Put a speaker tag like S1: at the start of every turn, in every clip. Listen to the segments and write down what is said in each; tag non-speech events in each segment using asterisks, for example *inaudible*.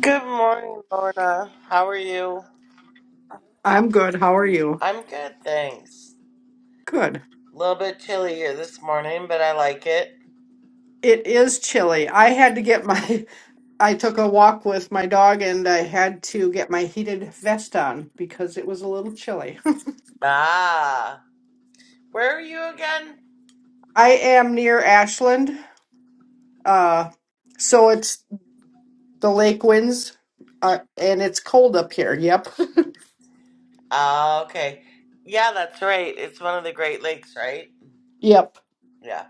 S1: Good morning, Lorna. How are you?
S2: I'm good. How are you?
S1: I'm good, thanks.
S2: Good.
S1: A little bit chilly here this morning, but I like it.
S2: It is chilly. I had to get my, *laughs* I took a walk with my dog and I had to get my heated vest on because it was a little chilly.
S1: Ah, where are you again?
S2: *laughs* I am near Ashland, uh, so it's the lake winds, uh, and it's cold up here. Yep. *laughs*
S1: Ah, okay. Yeah, that's right. It's one of the Great Lakes, right?
S2: Yep.
S1: Yeah.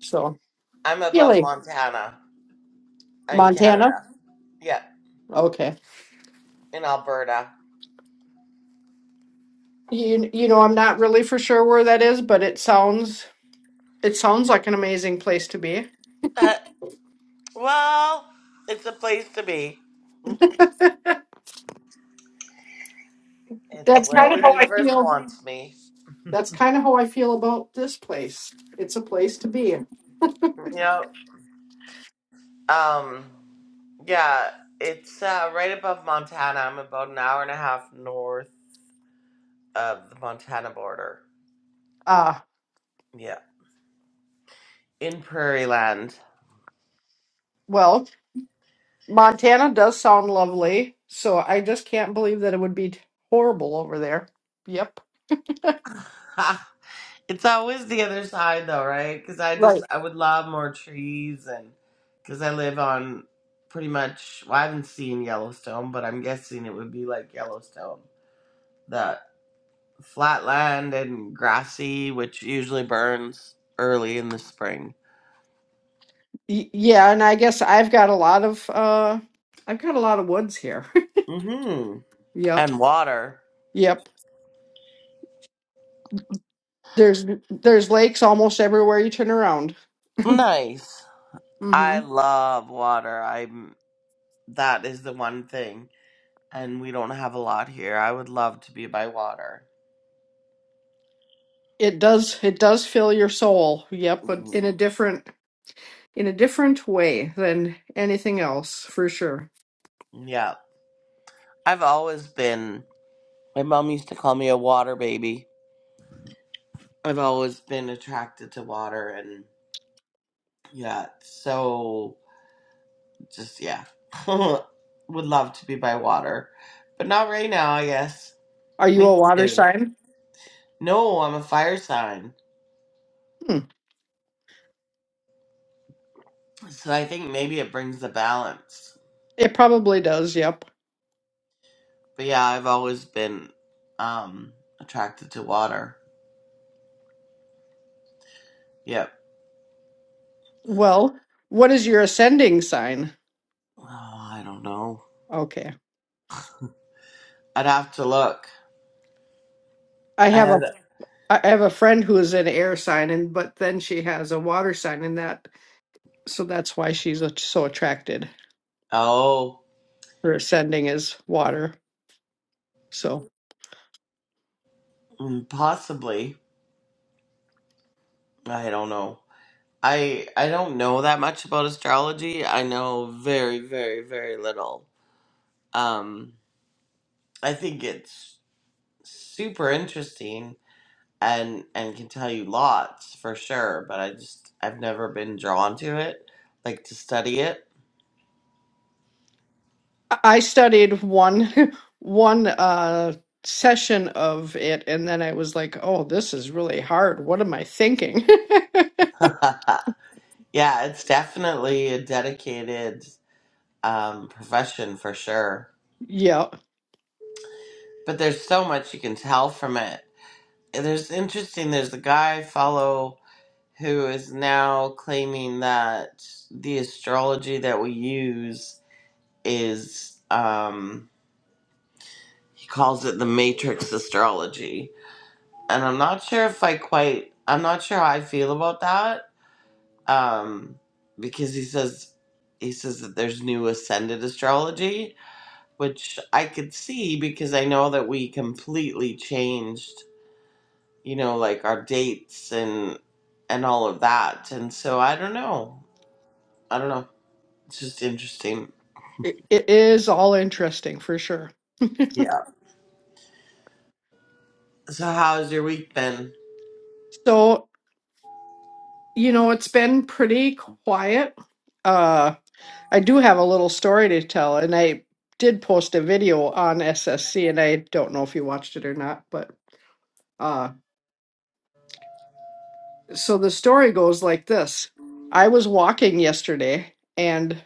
S2: So,
S1: I'm above
S2: chilly.
S1: Montana in
S2: Montana?
S1: Canada. Yeah,
S2: Okay.
S1: in Alberta.
S2: You, you know, I'm not really for sure where that is, but it sounds, it sounds like an amazing place to be.
S1: Uh, well, it's a place to be. It's
S2: That's
S1: where
S2: kind of
S1: the
S2: how I
S1: universe
S2: feel
S1: wants me.
S2: That's kind of how I feel about this place. It's a place to be.
S1: Yep. Um. Yeah, it's uh, right above Montana. I'm about an hour and a half north of the Montana border.
S2: Uh,
S1: Yeah, in Prairie Land. *laughs*
S2: well, Montana does sound lovely, so I just can't believe that it would be horrible over there. Yep.
S1: Ha! It's always the other side, though, right? Because I just
S2: Right.
S1: I would love more trees, and because I live on pretty much. Well, I haven't seen Yellowstone, but I'm guessing it would be like Yellowstone, the flat land and grassy, which usually burns early in the spring.
S2: Y- yeah, and I guess I've got a lot of uh I've got a lot of woods here.
S1: Mm-hmm.
S2: *laughs* yep.
S1: And water.
S2: Yep. There's there's lakes almost everywhere you turn around.
S1: Nice. I
S2: Mhm.
S1: love water. I'm that is the one thing, and we don't have a lot here. I would love to be by water.
S2: It does it does fill your soul. Yep, but in a
S1: Mm,
S2: different in a different way than anything else, for sure.
S1: Yeah, I've always been. My mom used to call me a water baby. I've always been attracted to water, and yeah, so just yeah, *laughs* would love to be by water, but not right now. I guess
S2: Are you a
S1: me
S2: water
S1: too.
S2: sign?
S1: No, I'm a fire sign,
S2: Hmm.
S1: so I think maybe it brings the balance.
S2: It probably does. Yep.
S1: But yeah, I've always been um attracted to water. Yep.
S2: Well, what is your ascending sign?
S1: Oh, I don't know.
S2: Okay.
S1: I'd have to look.
S2: I
S1: I
S2: have
S1: have.
S2: a I have a friend who is an air sign and but then she has a water sign and that so that's why she's a- so attracted.
S1: Oh,
S2: Her ascending is water. So
S1: mm, possibly. I don't know. I I don't know that much about astrology. I know very very very little. Um, I think it's super interesting and and can tell you lots for sure. But I just I've never been drawn to it, like to study it.
S2: I I studied one *laughs* one uh session of it and then I was like, "Oh, this is really hard. What am I thinking?"
S1: *laughs* Yeah, it's definitely a dedicated um, profession for sure.
S2: *laughs* yeah.
S1: But there's so much you can tell from it. And There's interesting. There's a guy I follow who is now claiming that the astrology that we use is um, he calls it the matrix astrology, and I'm not sure if I quite. I'm not sure how I feel about that um, because he says he says that there's new ascended astrology which I could see because I know that we completely changed, you know, like our dates and and all of that. And so I don't know. I don't know. It's just interesting.
S2: It, it is all interesting for sure.
S1: Yeah. So how's your week been?
S2: So You know, it's been pretty quiet. Uh, I do have a little story to tell, and I did post a video on SSC, and I don't know if you watched it or not, but uh, so the story goes like this. I was walking yesterday, and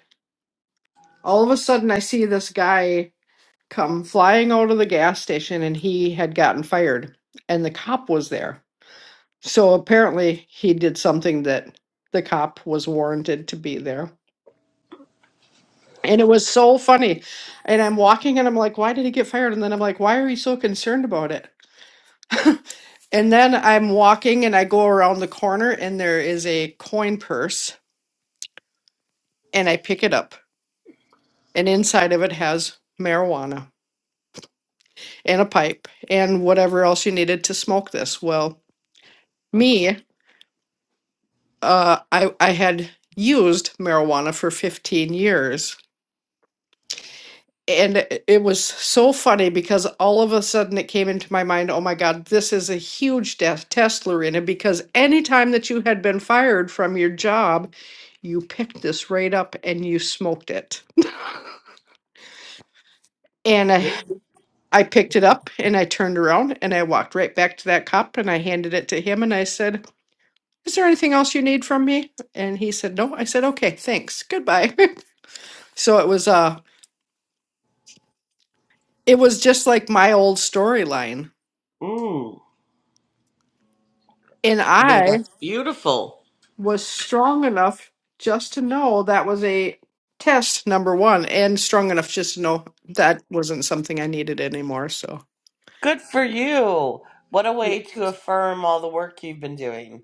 S2: all of a sudden I see this guy come flying out of the gas station, and he had gotten fired, and the cop was there. So apparently he did something that the cop was warranted to be there And it was so funny. And I'm walking and I'm like, why did he get fired? And then I'm like, why are you so concerned about it? *laughs* And then I'm walking and I go around the corner and there is a coin purse and I pick it up. And inside of it has marijuana and a pipe and whatever else you needed to smoke this. Well, me, uh, I, I had used marijuana for 15 years and it it was so funny because all of a sudden it came into my mind oh my god this is a huge death test lorena because anytime that you had been fired from your job you picked this right up and you smoked it and I,
S1: Yeah,
S2: I picked it up and i turned around and i walked right back to that cop and i handed it to him and i said is there anything else you need from me and he said no i said okay thanks goodbye *laughs* so it was uh it was just like my old storyline
S1: Mm,
S2: and
S1: I think
S2: i
S1: that's beautiful.
S2: was strong enough just to know that was a test number one and strong enough just to know that wasn't something i needed anymore so
S1: Good for you. What a
S2: Yeah.
S1: way to affirm all the work you've been doing.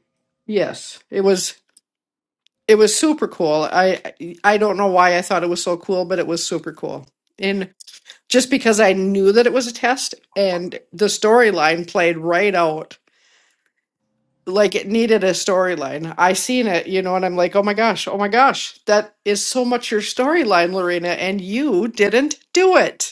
S2: yes it was it was super cool i i don't know why i thought it was so cool but it was super cool and just because i knew that it was a test and the storyline played right out like it needed a storyline i seen it you know and i'm like oh my gosh oh my gosh that is so much your storyline lorena and you didn't do it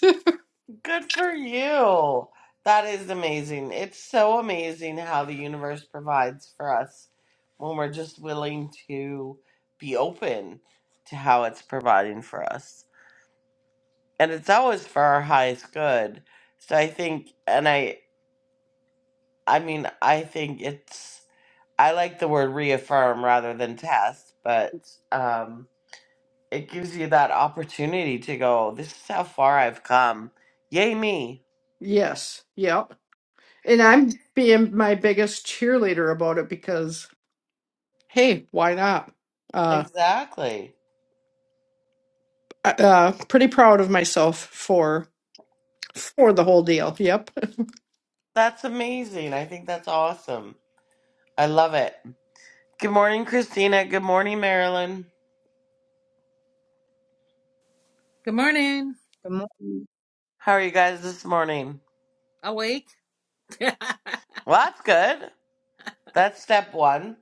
S1: Good for you. That is amazing. It's so amazing how the universe provides for us when we're just willing to be open to how it's providing for us. And it's always for our highest good. So I think and I I mean I think it's I like the word reaffirm rather than test, but um, it gives you that opportunity to go, this is how far I've come. Yay, me.
S2: Yes. Yep. And I'm being my biggest cheerleader about it because, hey, why not? Uh,
S1: Exactly.
S2: uh, pretty proud of myself for for the whole deal. Yep. *laughs*
S1: That's amazing. I think that's awesome. I love it. Good morning, Christina. Good morning, Marilyn.
S3: Good morning.
S4: Good morning.
S1: How are you guys this morning?
S3: Awake. *laughs* yep.
S1: Well, that's good. That's step one.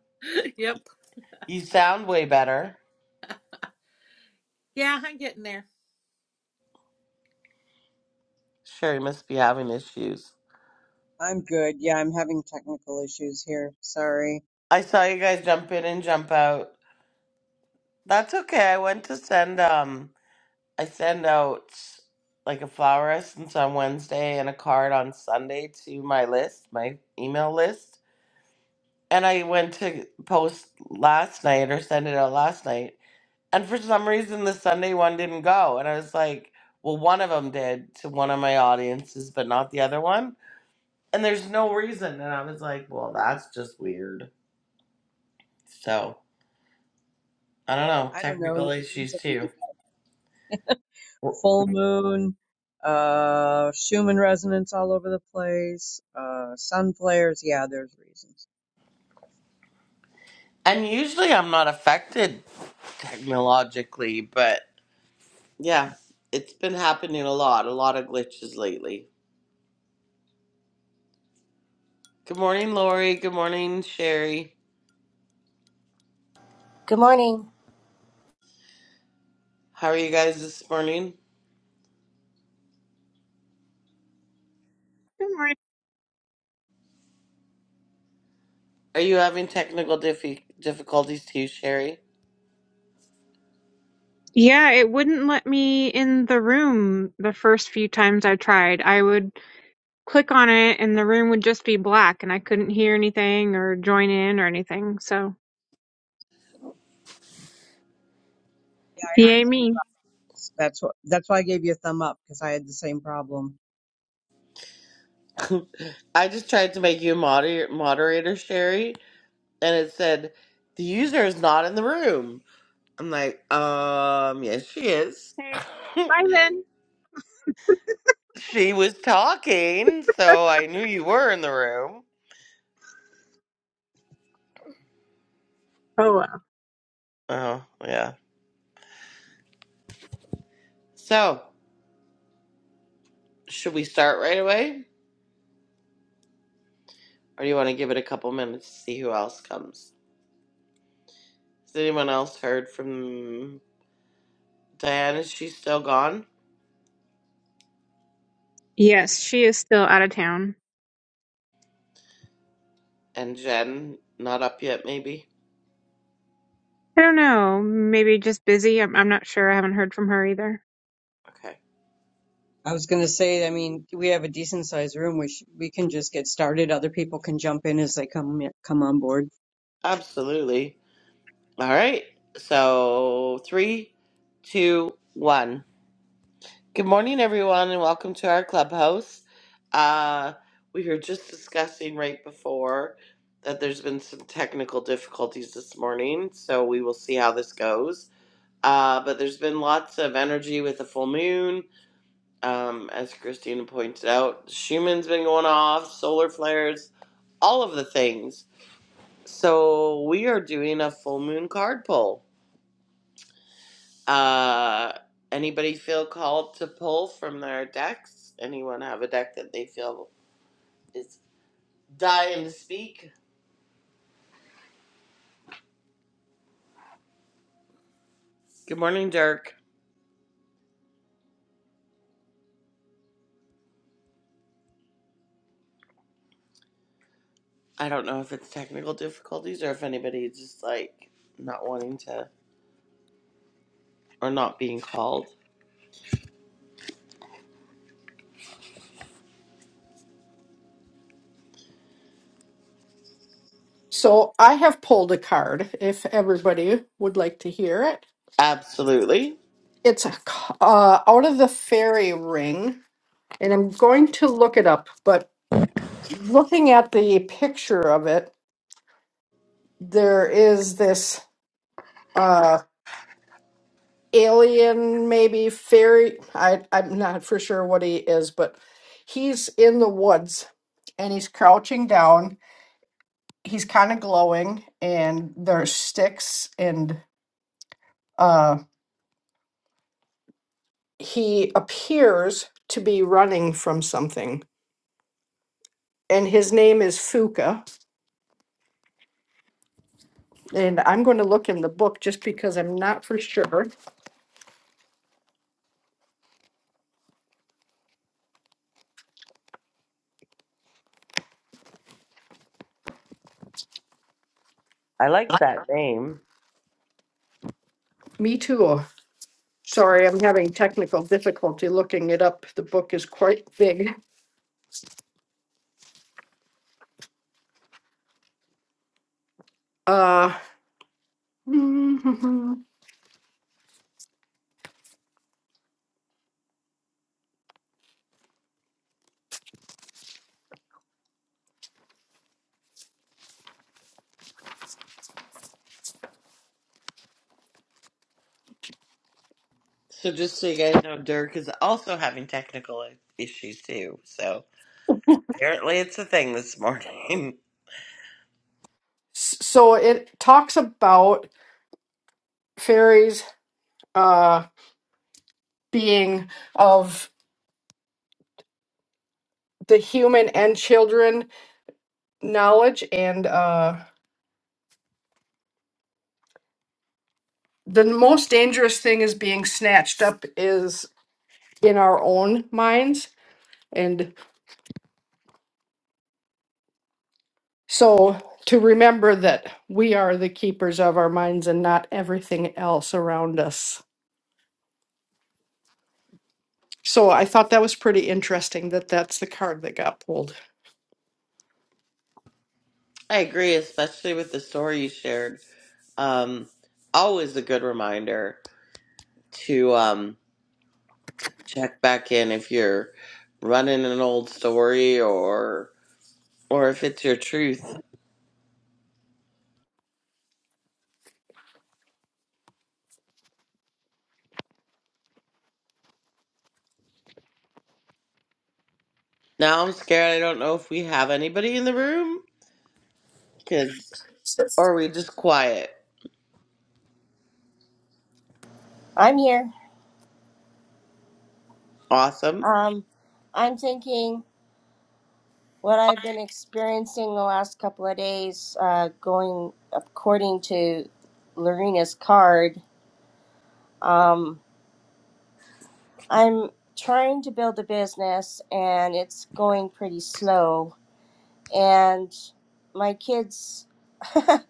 S1: You sound way better.
S3: Yeah, I'm getting there.
S1: Sherry must be having issues.
S4: I'm good. Yeah, I'm having technical issues here. Sorry.
S1: I saw you guys jump in and jump out. That's okay. I went to send um I send out like a flower essence on Wednesday and a card on Sunday to my list, my email list. and I went to post last night or send it out last night, and for some reason the Sunday one didn't go, and I was like, well, one of them did to one of my audiences, but not the other one, and there's no reason, and I was like, well, that's just weird. So I don't know,
S4: I don't know.
S1: technical
S4: names
S1: issues
S4: of
S1: too,
S4: Full moon, uh, Schumann resonance all over the place. Uh, so there's, yeah, there's reasons.
S1: and usually I'm not affected technologically, but yeah, it's been happening a lot, a lot of glitches lately. Good morning, Lori. Good morning, Sherry.
S5: Good morning.
S1: How are you guys this morning? Are you having technical diffi- difficulties too, Sherry?
S6: Yeah, it wouldn't let me in the room the first few times I tried. I would click on it and the room would just be black and I couldn't hear anything or join in or anything. So,
S4: Yeah, I had the
S6: yay
S4: same
S6: me.
S4: problems. That's what, that's why I gave you a thumb up because I had the same problem.
S1: *laughs* I just tried to make you a moder- moderator, Sherry, and it said the user is not in the room. I'm like, um, yes, she is.
S6: Hey,
S1: *laughs*
S6: bye then.
S1: she was talking, so I knew you were in the room.
S6: Oh, well.
S1: Oh, yeah. So, should we start right away, or do you want to give it a couple minutes to see who else comes? Has anyone else heard from Diane? Is she still gone?
S6: Yes, she is still out of town.
S1: And Jen, not up yet, maybe?
S6: I don't know. Maybe just busy. I'm, I'm not sure. I haven't heard from her either.
S1: Okay.
S4: I was going to say, I mean, we have a decent sized room. We sh we can just get started. Other people can jump in as they come, in- come on board.
S1: Absolutely. All right. So three, two, one. Good morning, everyone, and welcome to our clubhouse. Uh, we were just discussing right before that there's been some technical difficulties this morning, so we will see how this goes. Uh, but there's been lots of energy with the full moon. Um, as Christina points out, Schumann's been going off, solar flares, all of the things. So we are doing a full moon card pull. Uh, anybody feel called to pull from their decks? Anyone have a deck that they feel is dying to speak? Good morning, Dirk. I don't know if it's technical difficulties or if anybody just like not wanting to or not being called.
S2: So I have pulled a card. If everybody would like to hear it,
S1: Absolutely.
S2: it's a c- uh, out of the fairy ring, and I'm going to look it up. But looking at the picture of it, there is this. uh, alien, maybe fairy. I, I'm not for sure what he is, but he's in the woods and he's crouching down. He's kind of glowing, and there's sticks, and uh, he appears to be running from something. And his name is Fuka. And I'm going to look in the book just because I'm not for sure.
S1: I like that name.
S2: Me too. Sorry, I'm having technical difficulty looking it up. The book is quite big. Uh, *laughs*
S1: So just so you guys know, Dirk is also having technical issues too. So apparently it's a thing this morning. *laughs*
S2: So it talks about fairies uh, being of the human and children knowledge, and uh, the most dangerous thing is being snatched up is in our own minds, and so to remember that we are the keepers of our minds and not everything else around us. So I thought that was pretty interesting that that's the card that got pulled.
S1: I agree, especially with the story you shared. Um, always a good reminder to um, check back in if you're running an old story or or if it's your truth. Now I'm scared. I don't know if we have anybody in the room, kids, or are we just quiet.
S5: I'm here.
S1: Awesome.
S5: Um, I'm thinking what I've been experiencing the last couple of days, uh, going according to Lorena's card. Um, I'm trying to build a business and it's going pretty slow. And my kids, *laughs*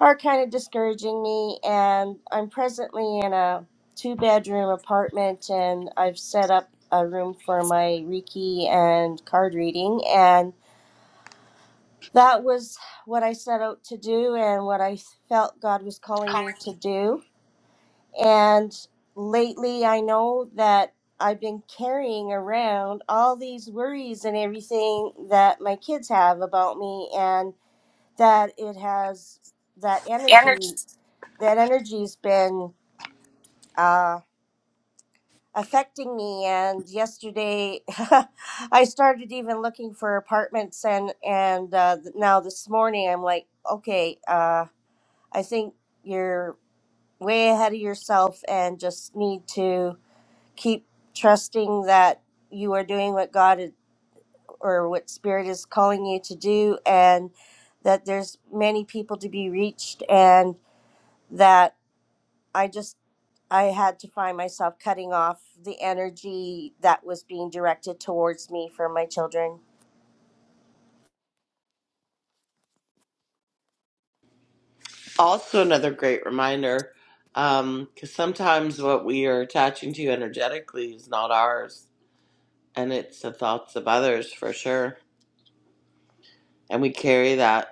S5: are kind of discouraging me. And I'm presently in a two bedroom apartment, and I've set up a room for my Reiki and card reading. And that was what I set out to do and what I felt God was calling me to do. And lately, I know that. I've been carrying around all these worries and everything that my kids have about me, and that it has that energy that energy's been uh, affecting me. And yesterday, *laughs* I started even looking for apartments, and and uh, th- now this morning, I'm like, okay, uh, I think you're way ahead of yourself, and just need to keep trusting that you are doing what God is, or what Spirit is calling you to do, and that there's many people to be reached, and that. I just I had to find myself cutting off the energy that was being directed towards me for my children.
S1: Also, another great reminder because sometimes what we are attaching to energetically is not ours, and it's the thoughts of others for sure, and we carry that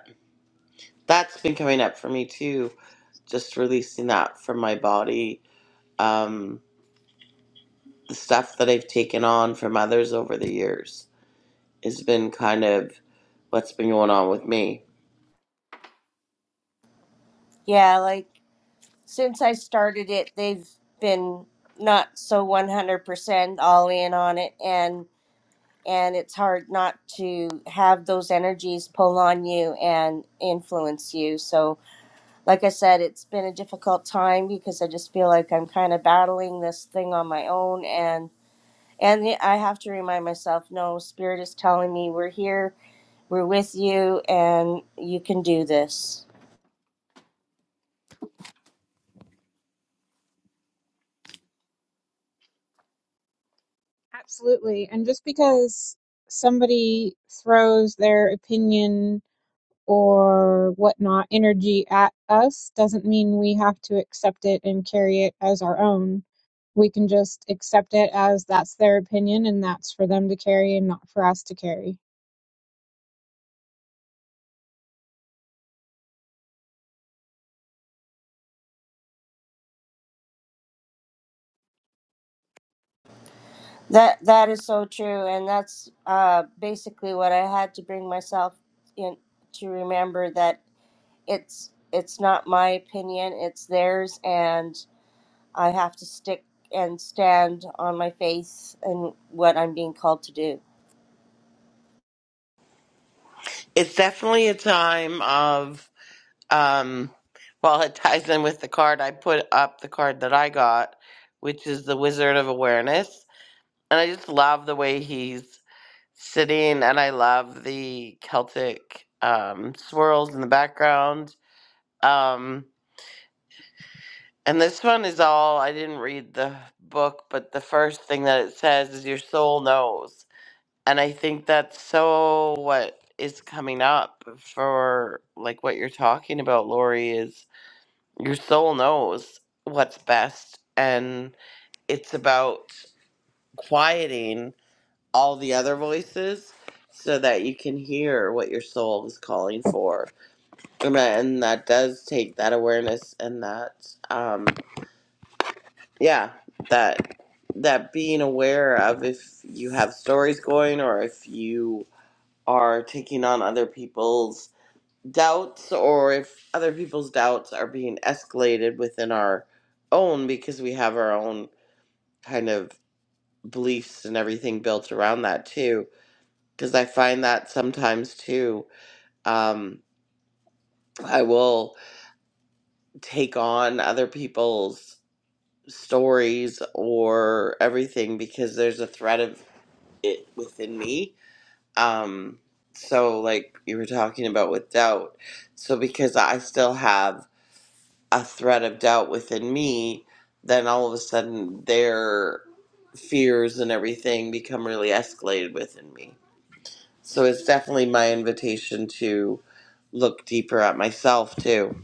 S1: That's been coming up for me too. Just releasing that from my body. Um, the stuff that I've taken on from others over the years has been kind of what's been going on with me.
S5: Yeah, like since I started it, they've been not so 100% all in on it and and it's hard not to have those energies pull on you and influence you. So, like I said, it's been a difficult time because I just feel like I'm kind of battling this thing on my own and. And the- I have to remind myself no, Spirit is telling me we're here, we're with you, and you can do this.
S6: Absolutely. And just because somebody throws their opinion or whatnot energy at us doesn't mean we have to accept it and carry it as our own. We can just accept it as that's their opinion and that's for them to carry and not for us to carry.
S5: That that is so true, and that's uh, basically what I had to bring myself in to remember that it's it's not my opinion, it's theirs, and I have to stick and stand on my faith and what I'm being called to do.
S1: It's definitely a time of, um, well, it ties in with the card. I put up the card that I got, which is the Wizard of Awareness. And I just love the way he's sitting, and I love the Celtic um, swirls in the background. Um, And this one is all, I didn't read the book, but the first thing that it says is your soul knows. And I think that's so what is coming up for like what you're talking about, Lori, is your soul knows what's best. And it's about quieting all the other voices so that you can hear what your soul is calling for. And that and that does take that awareness and that. Um, yeah that that being aware of if you have stories going or if you are taking on other people's doubts or if other people's doubts are being escalated within our own because we have our own kind of beliefs and everything built around that too because i find that sometimes too um, i will take on other people's stories or everything because there's a threat of it within me. Um, so, like you were talking about with doubt. So, because I still have a thread of doubt within me, then all of a sudden their fears and everything become really escalated within me. So, it's definitely my invitation to look deeper at myself, too.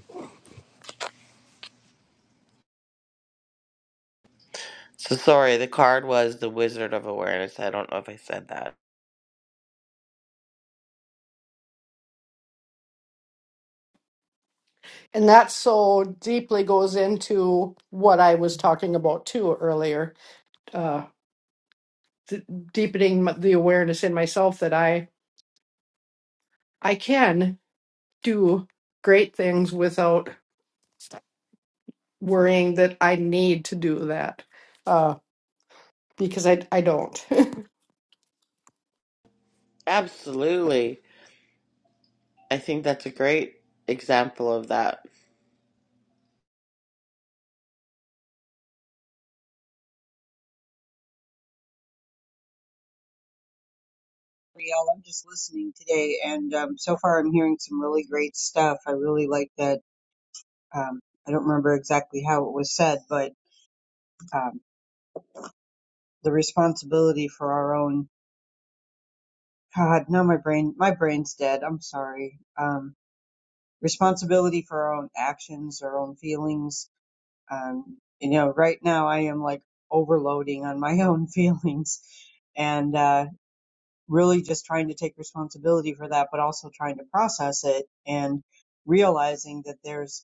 S1: So, sorry, the card was the Wizard of Awareness. I don't know if I said that.
S2: And that so deeply goes into what I was talking about too earlier, uh, d- deepening m- the awareness in myself that I I can do great things without worrying that I need to do that uh, because I I don't. *laughs*
S1: Absolutely. I think that's a great example of that.
S4: Y'all, I'm just listening today and, um, so far I'm hearing some really great stuff. I really like that um, I don't remember exactly how it was said, but um, the responsibility for our own God, no, my brain, my brain's dead. I'm sorry. Um, responsibility for our own actions, our own feelings. Um, you know, right now I am like overloading on my *laughs* own feelings, and uh, really just trying to take responsibility for that, but also trying to process it and realizing that there's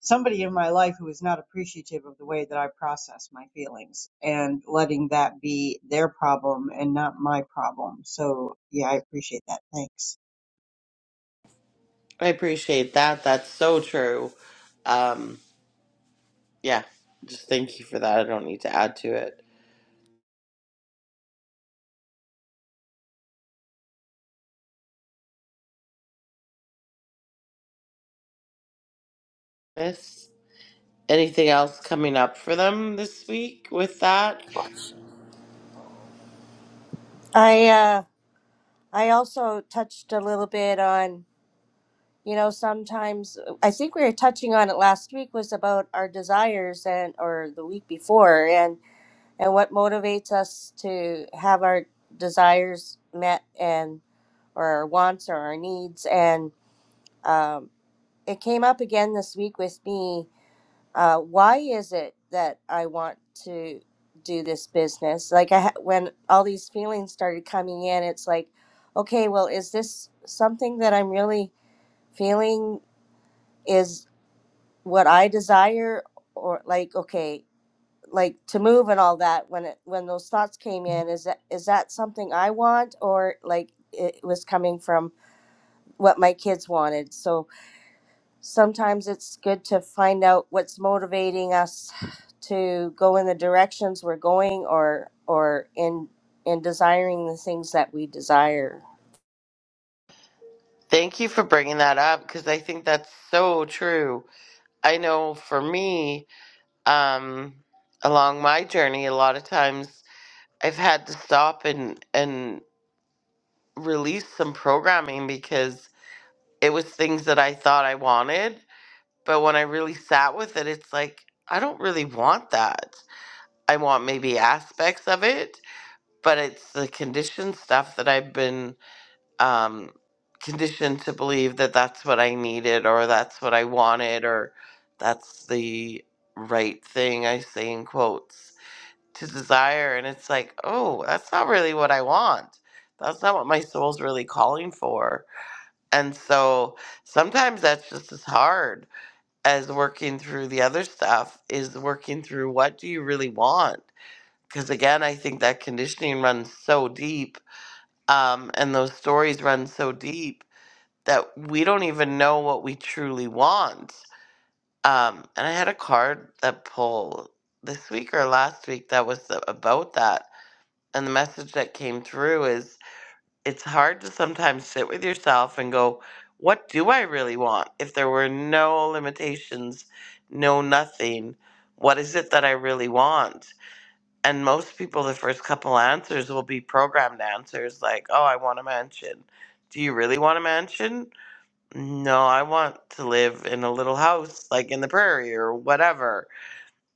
S4: somebody in my life who is not appreciative of the way that I process my feelings and letting that be their problem and not my problem. So yeah, I appreciate that. Thanks.
S1: I appreciate that. That's so true. Um, yeah, just thank you for that. I don't need to add to it. Miss, anything else coming up for them this week with that?
S5: I uh, I also touched a little bit on. you know sometimes uh, i think we were touching on it last week was about our desires and or the week before and and what motivates us to have our desires met and or our wants or our needs and um, it came up again this week with me uh, why is it that i want to do this business like i ha- when all these feelings started coming in it's like okay well is this something that i'm really feeling is what I desire or like okay like to move and all that when it when those thoughts came in is that is that something I want or like it was coming from what my kids wanted so sometimes it's good to find out what's motivating us to go in the directions we're going or or in in desiring the things that we desire
S1: Thank you for bringing that up because I think that's so true. I know for me, um, along my journey, a lot of times I've had to stop and and release some programming because it was things that I thought I wanted But when I really sat with it, it's like, I don't really want that. I want maybe aspects of it, but it's the conditioned stuff that I've been um, conditioned to believe that that's what I needed or that's what I wanted or that's the right thing, I say in quotes, to desire. And it's like, oh, that's not really what I want. That's not what my soul's really calling for. And so sometimes that's just as hard as working through the other stuff is working through what do you really want because again i think that conditioning runs so deep um, and those stories run so deep that we don't even know what we truly want um, and i had a card that pulled this week or last week that was the, about that and the message that came through is it's hard to sometimes sit with yourself and go, what do I really want? If there were no limitations, no nothing, what is it that I really want? And most people, the first couple answers will be programmed answers like, oh, I want a mansion. Do you really want a mansion? No, I want to live in a little house, like in the prairie or whatever.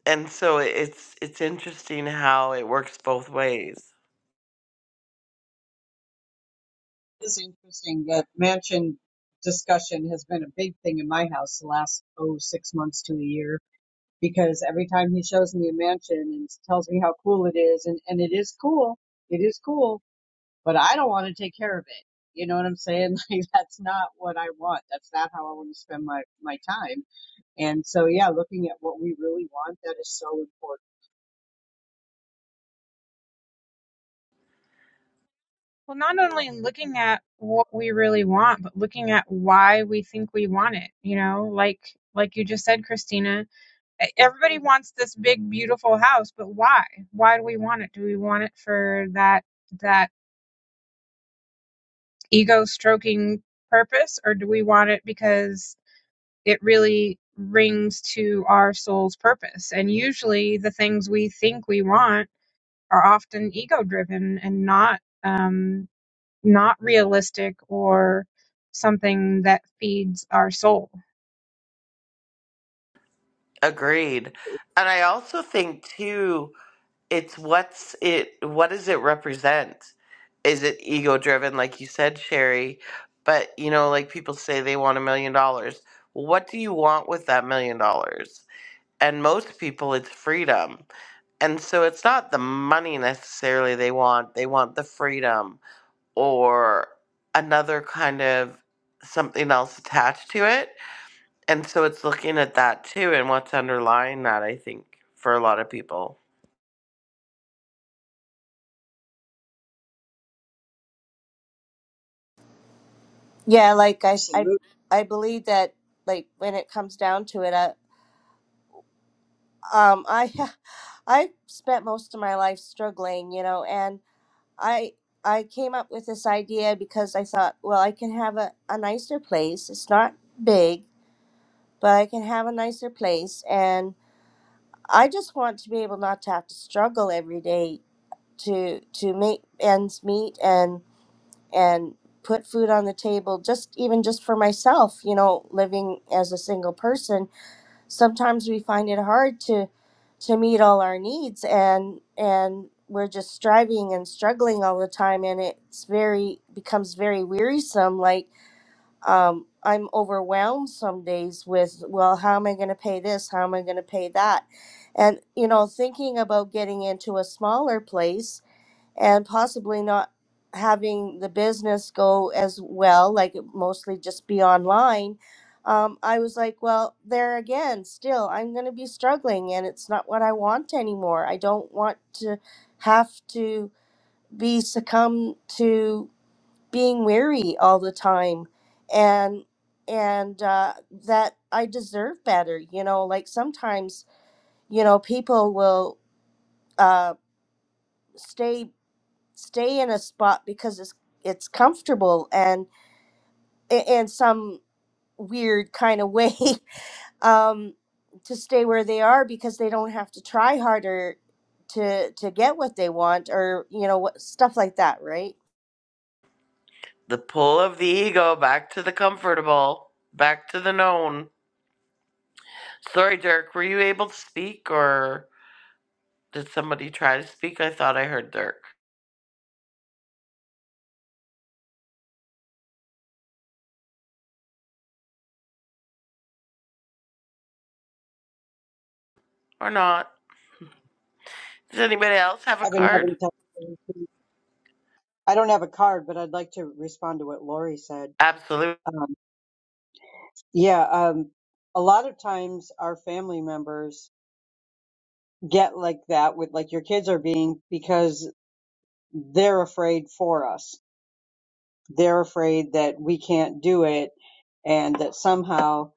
S1: And so it's it's interesting how it works both ways.
S4: It's interesting that mansion discussion has been a big thing in my house the last oh six months to a year because every time he shows me a mansion and tells me how cool it is and, and it is cool, it is cool, but I don't want to take care of it. You know what I'm saying? *laughs* Like that's not what I want. That's not how I want to spend my, my time And so, yeah, looking at what we really want, that is so important.
S6: Well, not only looking at what we really want, but looking at why we think we want it, you know, like like you just said, Christina, e- everybody wants this big beautiful house, but why? Why do we want it? Do we want it for that that ego stroking purpose or do we want it because it really rings to our soul's purpose and usually the things we think we want are often ego driven and not um not realistic or something that feeds our soul
S1: Agreed. And I also think too it's what's it what does it represent is it ego driven like you said sherry but you know like people say they want a million dollars well what do you want with that million dollars and most people it's freedom and so it's not the money necessarily they want they want the freedom or another kind of something else attached to it and so it's looking at that too and what's underlying that i think for a lot of people
S5: yeah like I I
S4: Absolutely.
S5: I believe that like when it comes down to it I, um i *laughs* i spent most of my life struggling you know and i i came up with this idea because i thought well i can have a, a nicer place it's not big but i can have a nicer place and i just want to be able not to have to struggle every day to to make ends meet and and put food on the table just even just for myself you know living as a single person sometimes we find it hard to to meet all our needs and and we're just striving and struggling all the time and it's very becomes very wearisome like um i'm overwhelmed some days with well how am i going to pay this how am i going to pay that and you know thinking about getting into a smaller place and possibly not having the business go as well, like it mostly just be online, um, I was like, well, there again, still, I'm going to be struggling and it's not what I want anymore. I don't want to have to be succumb to being weary all the time. And and uh, that I deserve better, you know. Like sometimes, you know, people will uh, stay stay in a spot because it's it's comfortable and i- in some weird kind of way *laughs* um, to stay where they are because they don't have to try harder to to get what they want or you know what stuff like that right
S1: The pull of the ego back to the comfortable, back to the known. Sorry, Dirk, were you able to speak or did somebody try to speak? I thought I heard Dirk. Or not. Does anybody else have a
S4: I've been
S1: card?
S4: having time. I don't have a card, but I'd like to respond to what Lori said.
S1: Absolutely.
S4: Um, yeah, um, a lot of times our family members get like that with like your kids are being because they're afraid for us. They're afraid that we can't do it and that somehow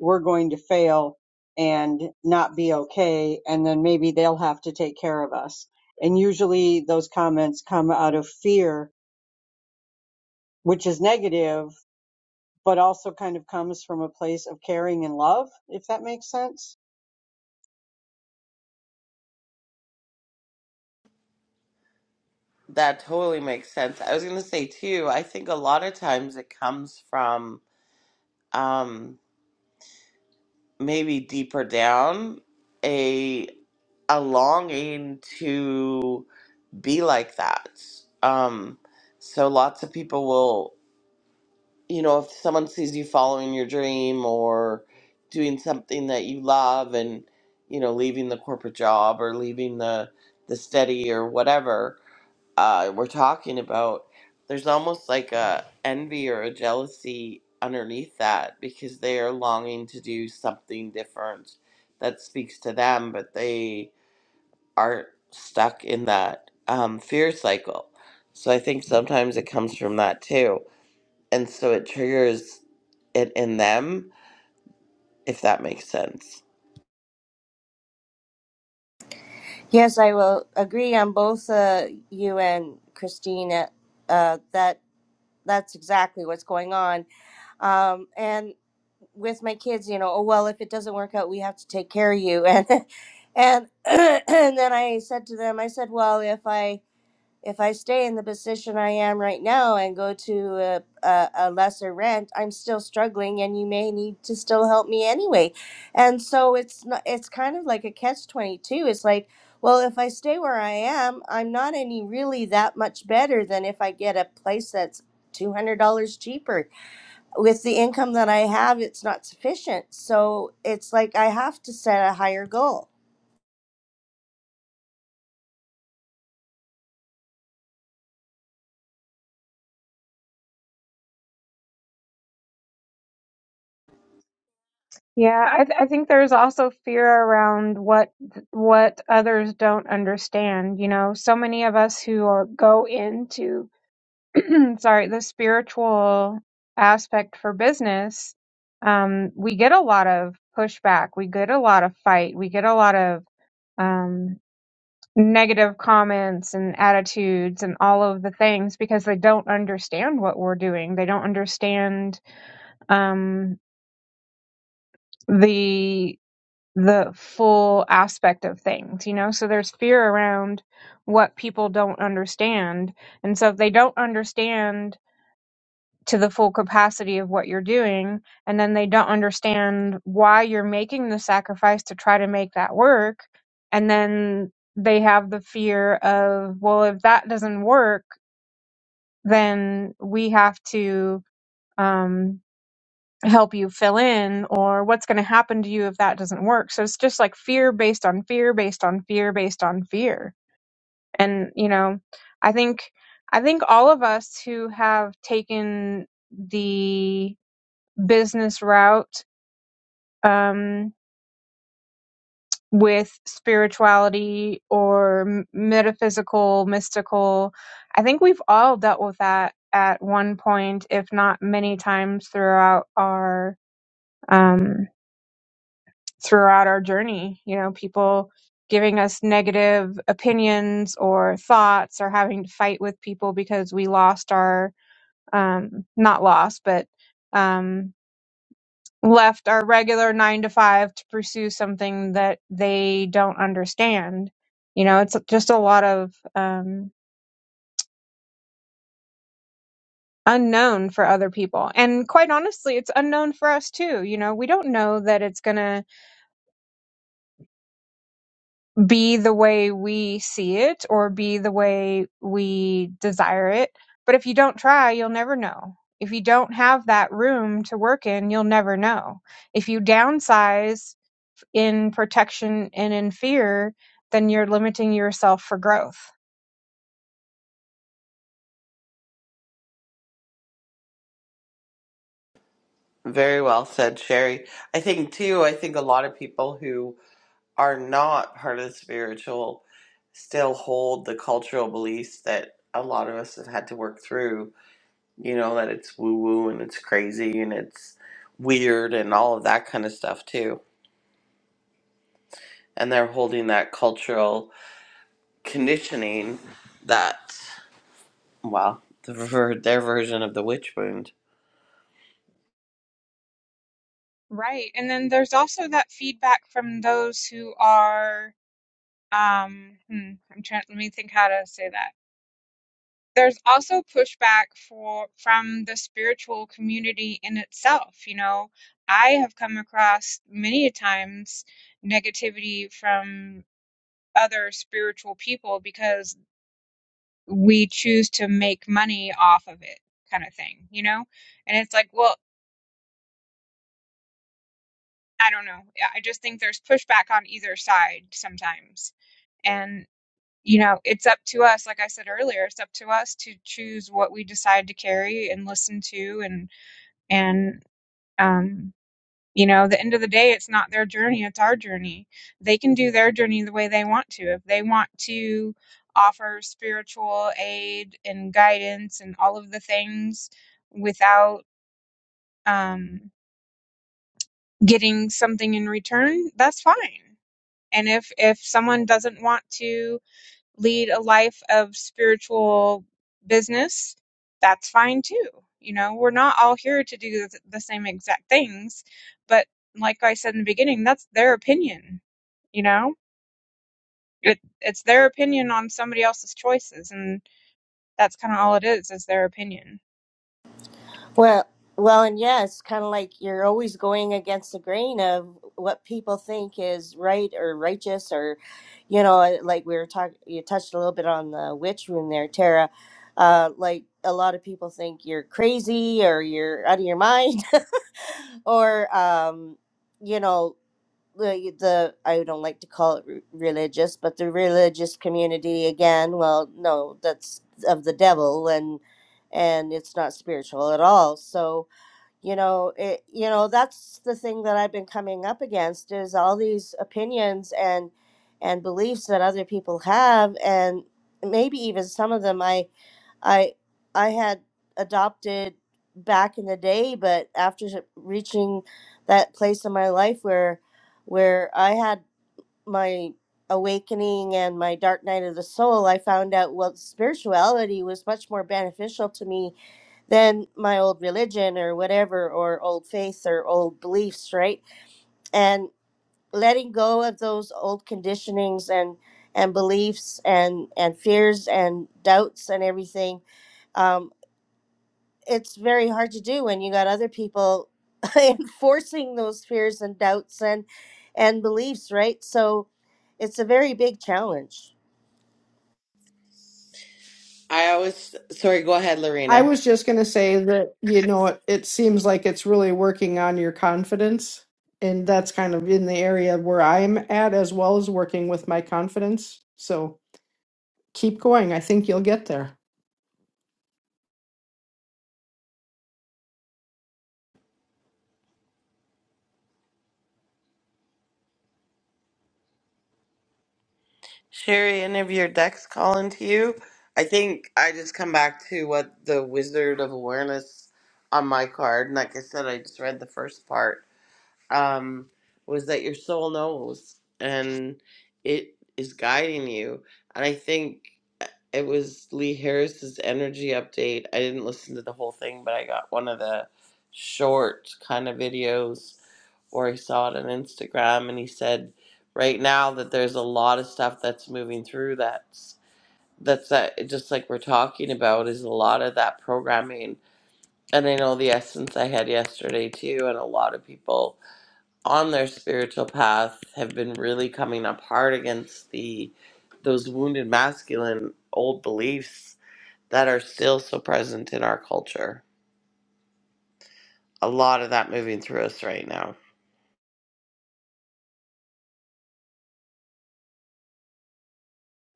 S4: we're going to fail and not be okay and then maybe they'll have to take care of us and usually those comments come out of fear which is negative but also kind of comes from a place of caring and love if that makes sense
S1: That totally makes sense. I was going to say, too, I think a lot of times it comes from um, maybe deeper down a a longing to be like that. Um, so lots of people will. you know, if someone sees you following your dream or doing something that you love and, you know, leaving the corporate job or leaving the, the study or whatever uh, we're talking about, there's almost like a envy or a jealousy underneath that because they are longing to do something different that speaks to them, but they are stuck in that um, fear cycle. So I think sometimes it comes from that too and so it triggers it in them if that makes sense
S5: yes i will agree on both uh, you and christina uh, that that's exactly what's going on um, and with my kids, you know, oh well, if it doesn't work out, we have to take care of you. And *laughs* and *clears throat* and then I said to them, I said, well, if I if I stay in the position I am right now and go to a, a, a lesser rent, I'm still struggling, and you may need to still help me anyway. And so it's not, it's kind of like a catch twenty two. It's like, well, if I stay where I am, I'm not any really that much better than if I get a place that's two hundred dollars cheaper with the income that I have, it's not sufficient. So it's like I have to set a higher goal.
S6: Yeah, I, th- I think there's also fear around what what others don't understand. You know, so many of us who are, go into *clears throat* sorry, the spiritual aspect for business, um, we get a lot of pushback. We get a lot of fight. We get a lot of um, negative comments and attitudes and all of the things because they don't understand what we're doing. They don't understand um, the the full aspect of things, you know. So there's fear around what people don't understand, and so if they don't understand to the full capacity of what you're doing and then they don't understand why you're making the sacrifice to try to make that work and then they have the fear of well if that doesn't work then we have to um help you fill in or what's going to happen to you if that doesn't work so it's just like fear based on fear based on fear based on fear and you know i think i think all of us who have taken the business route um, with spirituality or m- metaphysical, mystical. I think we've all dealt with that at one point, if not many times throughout our um, throughout our journey. You know, people giving us negative opinions or thoughts, or having to fight with people because we lost our um, not lost, but um, left our regular nine to five to pursue something that they don't understand. You know, it's just a lot of um, unknown for other people. And quite honestly, it's unknown for us too. You know, we don't know that it's going to be the way we see it or be the way we desire it. But if you don't try, you'll never know. If you don't have that room to work in, you'll never know. If you downsize in protection and in fear, then you're limiting yourself for growth.
S1: very well said sherry i think too i think a lot of people who are not part of the spiritual still hold the cultural beliefs that a lot of us have had to work through you know that it's woo woo and it's crazy and it's weird and all of that kind of stuff too and they're holding that cultural conditioning that. Well, the, their version of the witch wound.
S6: Right. And then there's also that feedback from those who are, um, hmm, I'm trying, let me think how to say that. There's also pushback for from the spiritual community in itself. You know, I have come across many times negativity from other spiritual people because we choose to make money off of it kind of thing you know and it's like well i don't know Yeah, i just think there's pushback on either side sometimes and you know it's up to us like i said earlier it's up to us to choose what we decide to carry and listen to and and um you know the end of the day it's not their journey it's our journey they can do their journey the way they want to if they want to offer spiritual aid and guidance and all of the things without um, getting something in return, that's fine. And if if someone doesn't want to lead a life of spiritual business, that's fine too. You know, we're not all here to do the same exact things, but like I said in the beginning, that's their opinion. You know, it it's their opinion on somebody else's choices, and that's kind of all it is is their opinion.
S5: Well, well, and yeah, it's kind of like you're always going against the grain of what people think is right or righteous, or you know, uh, like we were talking, you touched a little bit on the witch room there, Tara. Uh, like a lot of people think you're crazy or you're out of your mind, *laughs* or um, you know. the the I don't like to call it re- religious, but the religious community again. Well, no, that's of the devil, and and it's not spiritual at all. So you know it you know that's the thing that i've been coming up against is all these opinions and and beliefs that other people have and maybe even some of them i i i had adopted back in the day but after reaching that place in my life where where i had my awakening and my dark night of the soul i found out well spirituality was much more beneficial to me than my old religion or whatever or old faith or old beliefs right and letting go of those old conditionings and and beliefs and and fears and doubts and everything um it's very hard to do when you got other people *laughs* enforcing those fears and doubts and and beliefs right so it's a very big challenge
S1: I always sorry, go ahead,
S2: I
S1: Lorena.
S2: was just going to say that, you know, it, it seems like it's really working on your confidence. And that's kind of in the area where I'm at, as well as working with my confidence. So keep going. I think you'll get there.
S1: Sherry, any of your decks calling to you? I think I just come back to what the Wizard of Awareness on my card, and like I said, I just read the first part. Um, was that your soul knows and it is guiding you. And I think It was Lee Harris's energy update. I didn't listen to the whole thing, but I got one of the short kind of videos or I saw it on Instagram and he said right now that there's a lot of stuff that's moving through that's that's that just like we're talking about is a lot of that programming and I know the essence I had yesterday too and a lot of people on their spiritual path have been really coming up hard against the those wounded masculine old beliefs that are still so present in our culture. A lot of that moving through us right now.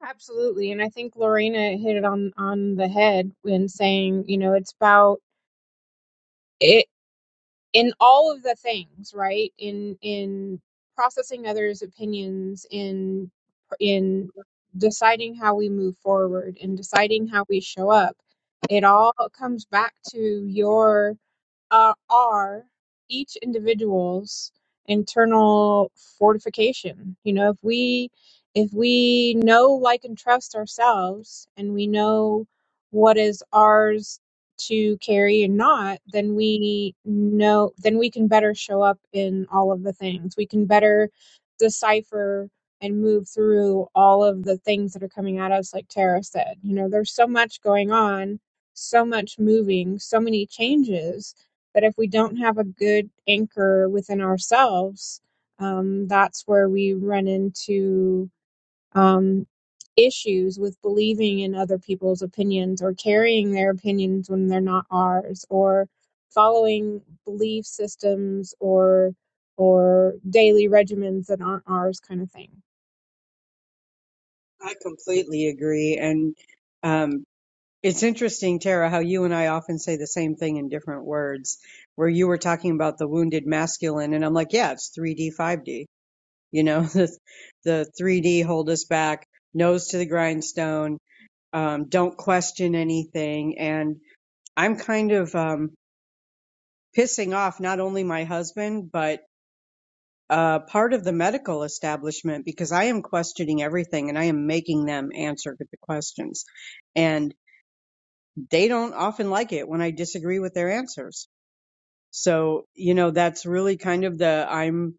S6: Absolutely. And I think Lorena hit it on on the head when saying, you know, it's about it. in all of the things right in in processing others opinions in in deciding how we move forward in deciding how we show up it all comes back to your uh, are each individual's internal fortification you know if we if we know like and trust ourselves and we know what is ours to carry and not, then we know, then we can better show up in all of the things. We can better decipher and move through all of the things that are coming at us, like Tara said. You know, there's so much going on, so much moving, so many changes that if we don't have a good anchor within ourselves, um, that's where we run into um, issues with believing in other people's opinions or carrying their opinions when they're not ours or following belief systems or or daily regimens that aren't ours kind of thing
S4: i completely agree and um, it's interesting tara how you and i often say the same thing in different words where you were talking about the wounded masculine and i'm like yeah it's 3d 5d You know, *laughs* the, the 3D hold us back, nose to the grindstone, um, don't question anything. And I'm kind of um, pissing off not only my husband, but uh, part of the medical establishment because I am questioning everything and I am making them answer the questions. And they don't often like it when I disagree with their answers. So, you know, that's really kind of the I'm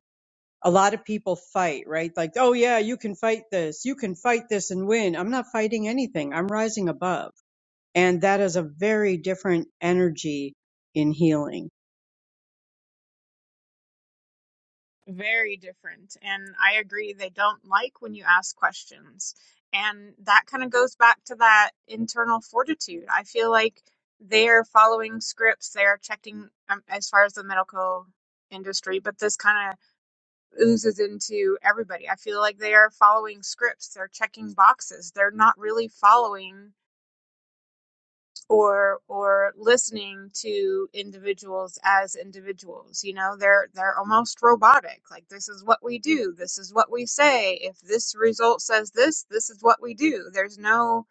S4: a lot of people fight, right? Like, oh yeah, you can fight this. You can fight this and win. I'm not fighting anything. I'm rising above. And that is a very different energy in healing.
S6: very different. And I agree, they don't like when you ask questions. And that kind of goes back to that internal fortitude. I feel like they're following scripts, they're checking um, as far as the medical industry, but this kind of oozes into everybody. I feel like they are following scripts, they're checking boxes. They're not really following or or listening to individuals as individuals. You know, they're they're almost robotic. Like this is what we do. This is what we say. If this result says this, this is what we do. There's no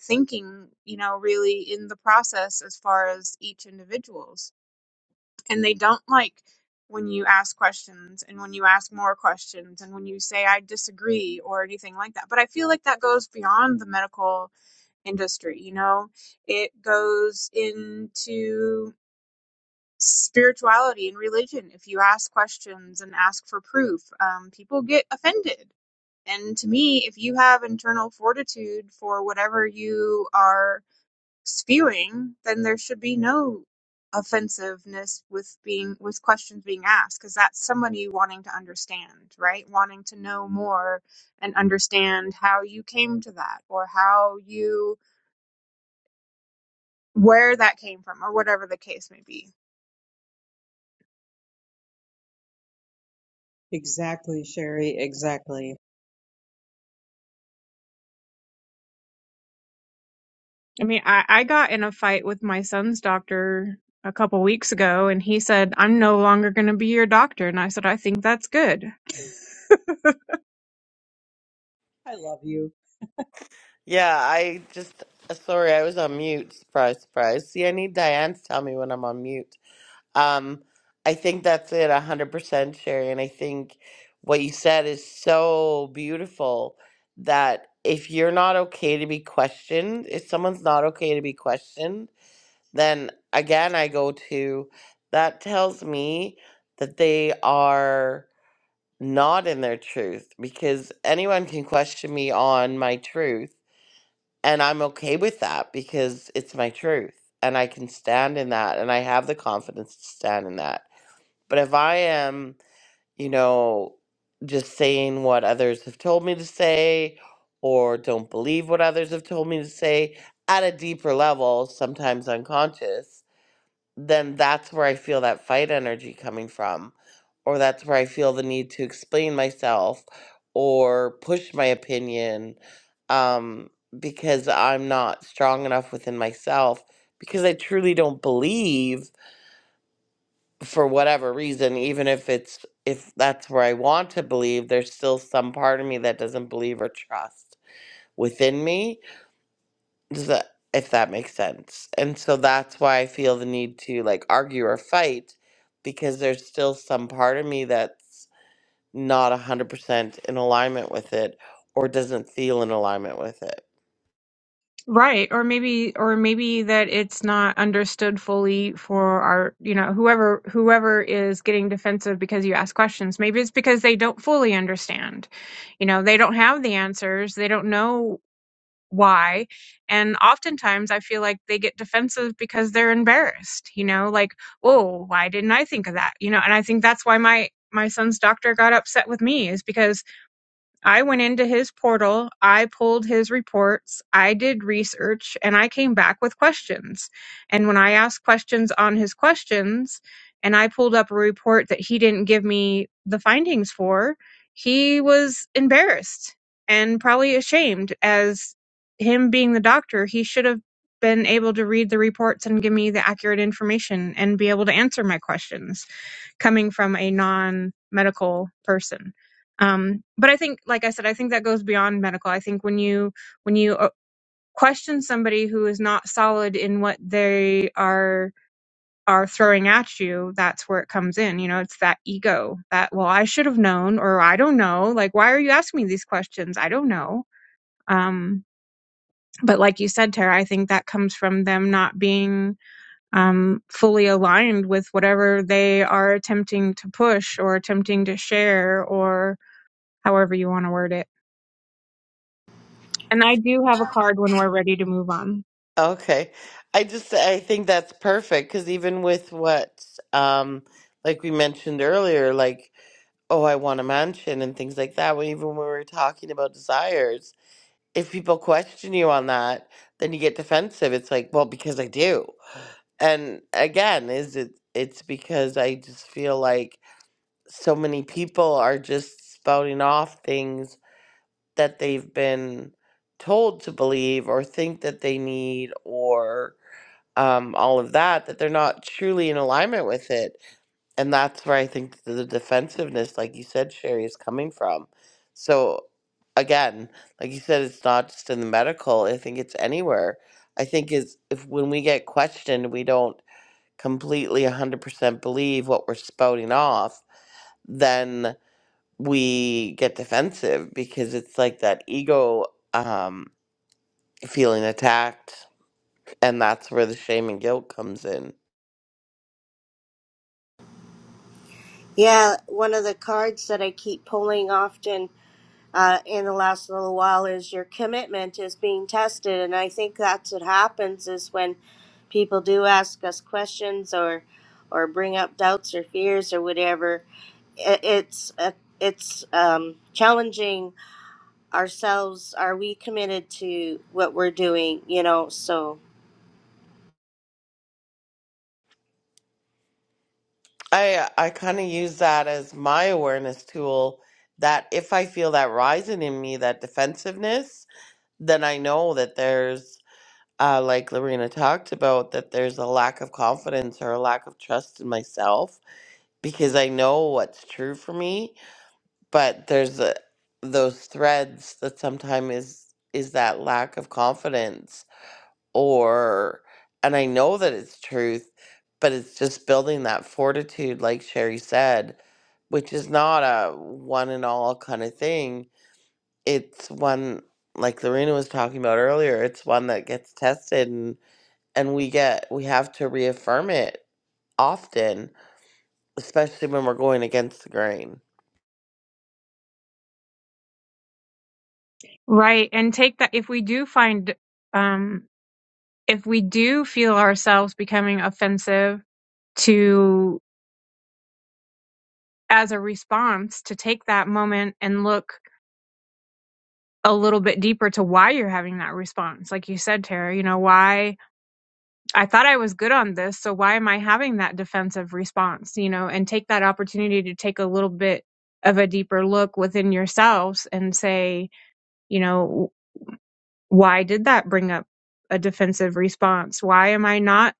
S6: thinking, you know, really in the process as far as each individuals and they don't like when you ask questions and when you ask more questions and when you say I disagree or anything like that. But I feel like that goes beyond the medical industry, you know? It goes into spirituality and religion. If you ask questions and ask for proof, um, people get offended. And to me, if you have internal fortitude for whatever you are spewing, then there should be no offensiveness with being with questions being asked because that's somebody wanting to understand, right? Wanting to know more and understand how you came to that or how you where that came from or whatever the case may be.
S4: Exactly, Sherry. Exactly.
S6: I mean, I, I got in a fight with my son's doctor a couple weeks ago and he said, I'm no longer going to be your doctor. And I said, I think that's good.
S4: I love you.
S1: Yeah, I just uh, sorry, I was on mute. Surprise, surprise. See, I need Diane to tell me when I'm on mute. Um, I think that's it, one hundred percent, Sherry. And I think what you said is so beautiful that if you're not okay to be questioned, if someone's not okay to be questioned, then again I go to that tells me that they are not in their truth because anyone can question me on my truth and I'm okay with that because it's my truth and I can stand in that and I have the confidence to stand in that. But if I am, you know, just saying what others have told me to say or don't believe what others have told me to say at a deeper level, sometimes unconscious, then that's where I feel that fight energy coming from, or that's where I feel the need to explain myself or push my opinion um, because I'm not strong enough within myself because I truly don't believe for whatever reason, even if it's if that's where I want to believe, there's still some part of me that doesn't believe or trust within me does that if that makes sense? And so that's why I feel the need to like argue or fight because there's still some part of me that's not 100% in alignment with it or doesn't feel in alignment with it.
S6: Right. Or maybe or maybe that it's not understood fully for our, you know, whoever whoever is getting defensive because you ask questions. Maybe it's because they don't fully understand. You know, they don't have the answers. They don't know why. And oftentimes I feel like they get defensive because they're embarrassed, you know, like, "Oh, why didn't I think of that?" You know, and I think that's why my my son's doctor got upset with me is because I went into his portal, I pulled his reports, I did research, and I came back with questions. And when I asked questions on his questions, and I pulled up a report that he didn't give me the findings for, he was embarrassed and probably ashamed as him being the doctor, he should have been able to read the reports and give me the accurate information and be able to answer my questions coming from a non-medical person um, but i think like i said i think that goes beyond medical i think when you when you uh, question somebody who is not solid in what they are are throwing at you that's where it comes in you know it's that ego that well i should have known or i don't know like why are you asking me these questions i don't know um, but like you said tara i think that comes from them not being um, fully aligned with whatever they are attempting to push or attempting to share or however you want to word it. And I do have a card when we're ready to move on.
S1: Okay. I just I think that's perfect cuz even with what um like we mentioned earlier like oh I want a mansion and things like that when even when we were talking about desires if people question you on that then you get defensive it's like well because I do and again is it it's because i just feel like so many people are just spouting off things that they've been told to believe or think that they need or um, all of that that they're not truly in alignment with it and that's where i think the the defensiveness like you said sherry is coming from so again like you said it's not just in the medical i think it's anywhere i think is if when we get questioned we don't completely 100% believe what we're spouting off, then we get defensive because it's like that ego um, feeling attacked. And that's where the shame and guilt comes in.
S5: Yeah, one of the cards that I keep pulling often uh, in the last little while is your commitment is being tested and i think that's what happens is when people do ask us questions or or bring up doubts or fears or whatever i- it's uh, it's um, challenging ourselves are we committed to what we're doing you know so
S1: I, I kind of use that as my awareness tool that if I feel that rising in me, that defensiveness, then I know that there's, uh, like Lorena talked about, that there's a lack of confidence or a lack of trust in myself because I know what's true for me, but there's a, those threads that sometimes is is that lack of confidence or and I know that it's truth, but it's just building that fortitude like Sherry said, which is not a one and all kind of thing. It's one like Lorena was talking about earlier, it's one that gets tested and and we get we have to reaffirm it often, especially when we're going against the grain.
S6: Right. And take that if we do find, um, if we do feel ourselves becoming offensive to as a response to take that moment and look a little bit deeper to why you're having that response. Like you said, Tara, you know, why I thought I was good on this. So why am I having that defensive response, you know, and take that opportunity to take a little bit of a deeper look within yourselves and say, you know, why did that bring up a defensive response? Why am I not,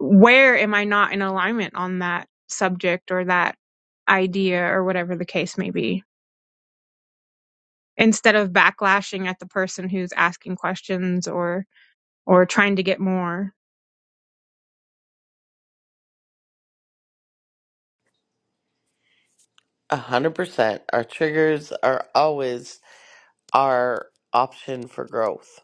S6: where am I not in alignment on that subject or that idea or whatever the case may be? instead of backlashing at the person who's asking questions or or trying to get more.
S1: A hundred percent. Our triggers are always our option for growth.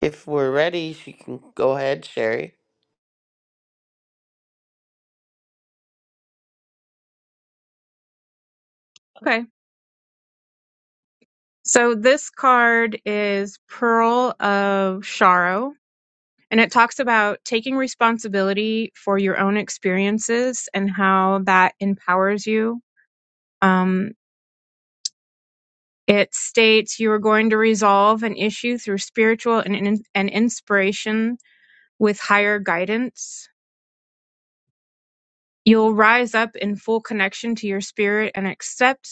S1: If we're ready, she can go ahead, Sherry.
S6: Okay. So this card is Pearl of Sorrow and it talks about taking responsibility for your own experiences and how that empowers you. Um it states you are going to resolve an issue through spiritual and, and and inspiration with higher guidance. You'll rise up in full connection to your spirit and accept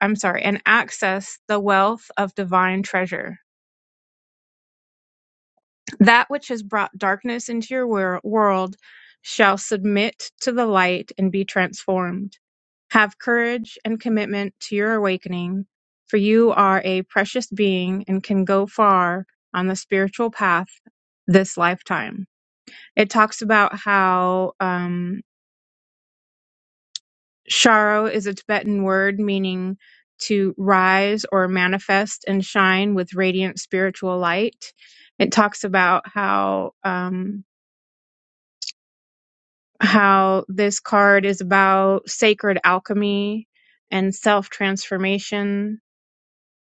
S6: I'm sorry, and access the wealth of divine treasure. That which has brought darkness into your wor- world shall submit to the light and be transformed. Have courage and commitment to your awakening, for you are a precious being and can go far on the spiritual path this lifetime. It talks about how um, Sharo is a Tibetan word meaning to rise or manifest and shine with radiant spiritual light. It talks about how um, how this card is about sacred alchemy and self transformation.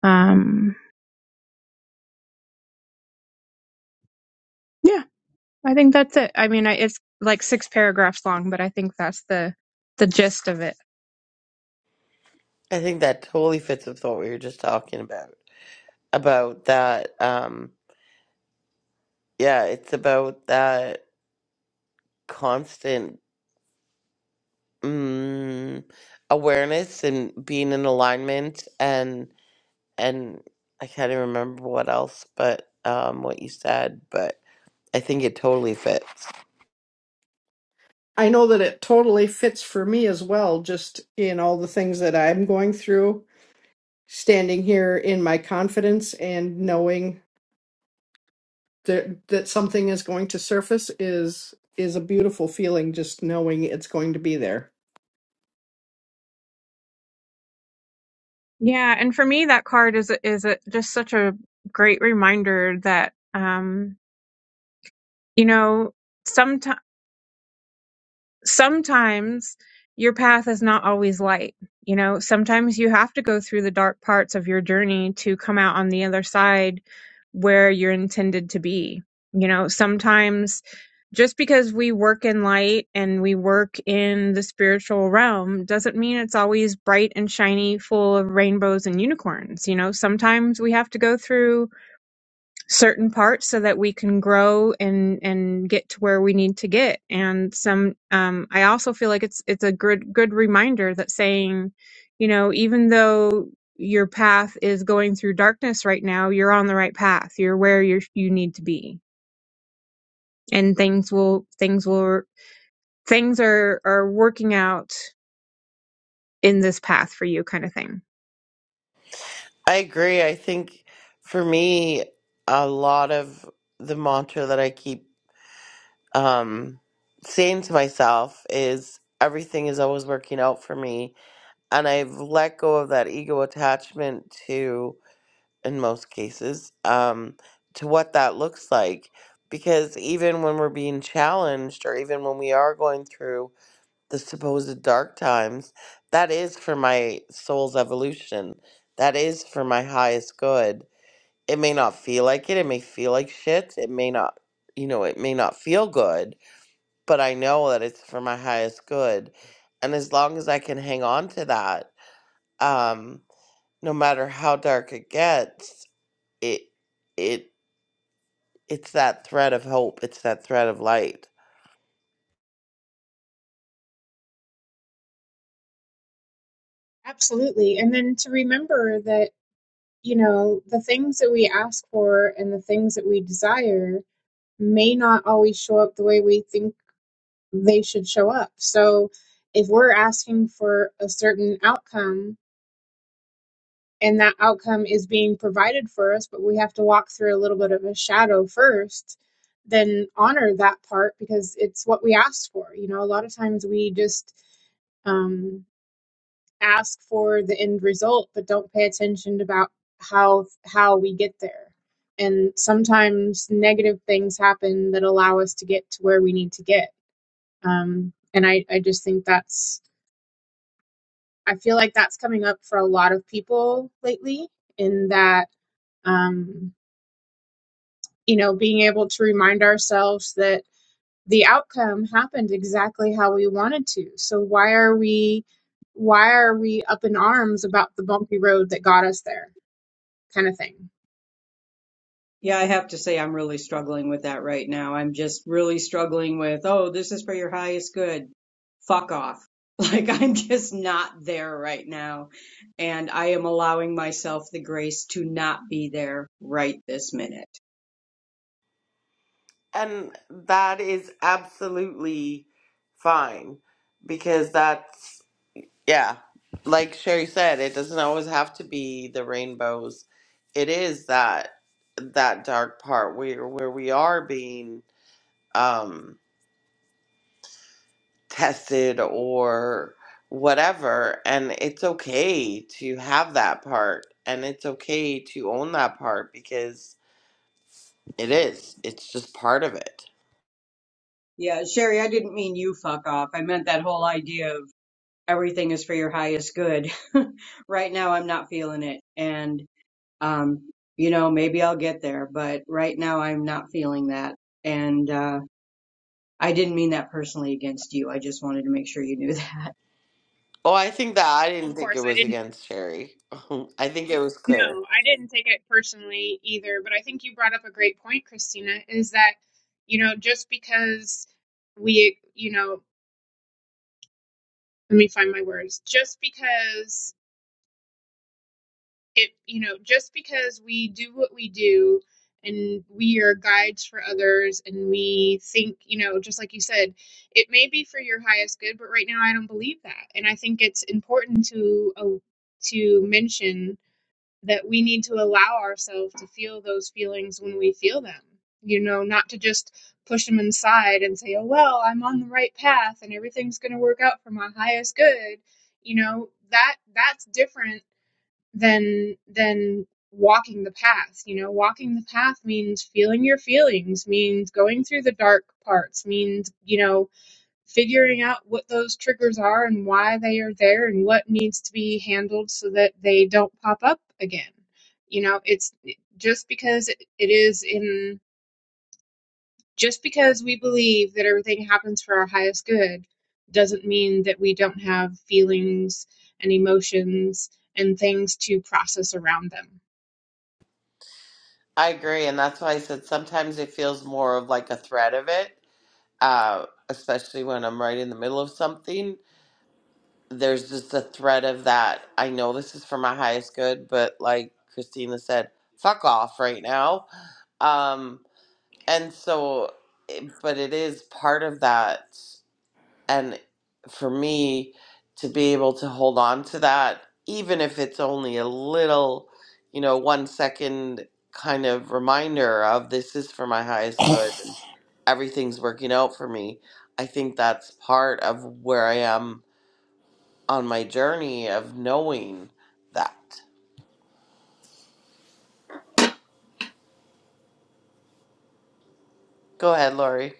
S6: Um, yeah. I think that's it. I mean, I, it's like six paragraphs long, but I think that's the the gist of it.
S1: I think that totally fits with what we were just talking about. About that, um, yeah, it's about that constant mm, awareness and being in alignment and and I can't even remember what else, but um, what you said, but I think it totally fits.
S2: I know that it totally fits for me as well, just in all the things that I'm going through, standing here in my confidence and knowing that that something is going to surface is is a beautiful feeling just knowing it's going to be there.
S6: Yeah, and for me, that card is is a, just such a great reminder that um, you know, sometimes. sometimes your path is not always light. You know, sometimes you have to go through the dark parts of your journey to come out on the other side where you're intended to be. You know, sometimes just because we work in light and we work in the spiritual realm doesn't mean it's always bright and shiny, full of rainbows and unicorns. You know, sometimes we have to go through certain parts so that we can grow and and get to where we need to get and some um i also feel like it's it's a good good reminder that saying you know even though your path is going through darkness right now you're on the right path you're where you you need to be and things will things will things are are working out in this path for you kind of thing
S1: I agree. I think for me, a lot of the mantra that I keep um, saying to myself is everything is always working out for me. And I've let go of that ego attachment to, in most cases, um, to what that looks like. Because even when we're being challenged, or even when we are going through the supposed dark times, that is for my soul's evolution. That is for my highest good it may not feel like it. It may feel like shit. It may not, you know, it may not feel good, but I know that it's for my highest good. And as long as I can hang on to that, um, no matter how dark it gets, it, it, it's that thread of hope. It's that thread of light.
S6: Absolutely. And then to remember that, you know, the things that we ask for and the things that we desire may not always show up the way we think they should show up. So if we're asking for a certain outcome and that outcome is being provided for us, but we have to walk through a little bit of a shadow first, then honor that part because it's what we asked for. You know, a lot of times we just um, ask for the end result, but don't pay attention about how how we get there. And sometimes negative things happen that allow us to get to where we need to get Um, and I, I just think that's, I feel like that's coming up for a lot of people lately in that, um, you know, being able to remind ourselves that the outcome happened exactly how we wanted to. So why are we, why are we up in arms about the bumpy road that got us there kind of thing?
S4: Yeah, I have to say I'm really struggling with that right now. I'm just really struggling with, oh, this is for your highest good. Fuck off. *laughs* Like I'm just not there right now. And I am allowing myself the grace to not be there right this minute.
S1: And that is absolutely fine because that's Yeah. Like Sherry said, it doesn't always have to be the rainbows. It is that that dark part where where we are being um *laughs* tested or whatever and it's okay to have that part and it's okay to own that part because it is. It's just part of it.
S4: Yeah, Sherry, I didn't mean you fuck off. I meant that whole idea of everything is for your highest good. *laughs* right now, I'm not feeling it. And, um, you know, maybe I'll get there, but right now, I'm not feeling that. And, uh, I didn't mean that personally against you. I just wanted to make sure you knew *laughs* that.
S1: Oh, I think that I didn't
S6: Of
S1: think it
S6: course, I
S1: was
S6: didn't.
S1: against Sherry. *laughs* I think it was clear.
S6: No, I didn't take it personally either. But I think you brought up a great point, Christina. Is that you know just because we you know let me find my words just because it you know just because we do what we do and we are guides for others and we think you know just like you said it may be for your highest good but right now i don't believe that and i think it's important to uh, to mention that we need to allow ourselves to feel those feelings when we feel them. You know, not to just push them inside and say, oh, well, I'm on the right path and everything's going to work out for my highest good. You know, that that's different than than walking the path. You know, walking the path means feeling your feelings, means going through the dark parts, means, you know, figuring out what those triggers are and why they are there and what needs to be handled so that they don't pop up again. You know, it's just because it is in, just because we believe that everything happens for our highest good doesn't mean that we don't have feelings and emotions and things to process around them.
S1: I agree, and that's why I said sometimes it feels more of like a threat of it uh, especially when I'm right in the middle of something. There's just a threat of that. I know this is for my highest good, but like Christina said, fuck off right now. Um, and so, it- but it is part of that and for me to be able to hold on to that even if it's only a little you know one second kind of reminder of this is for my highest good and everything's working out for me i think that's part of where i am on my journey of knowing that go ahead lori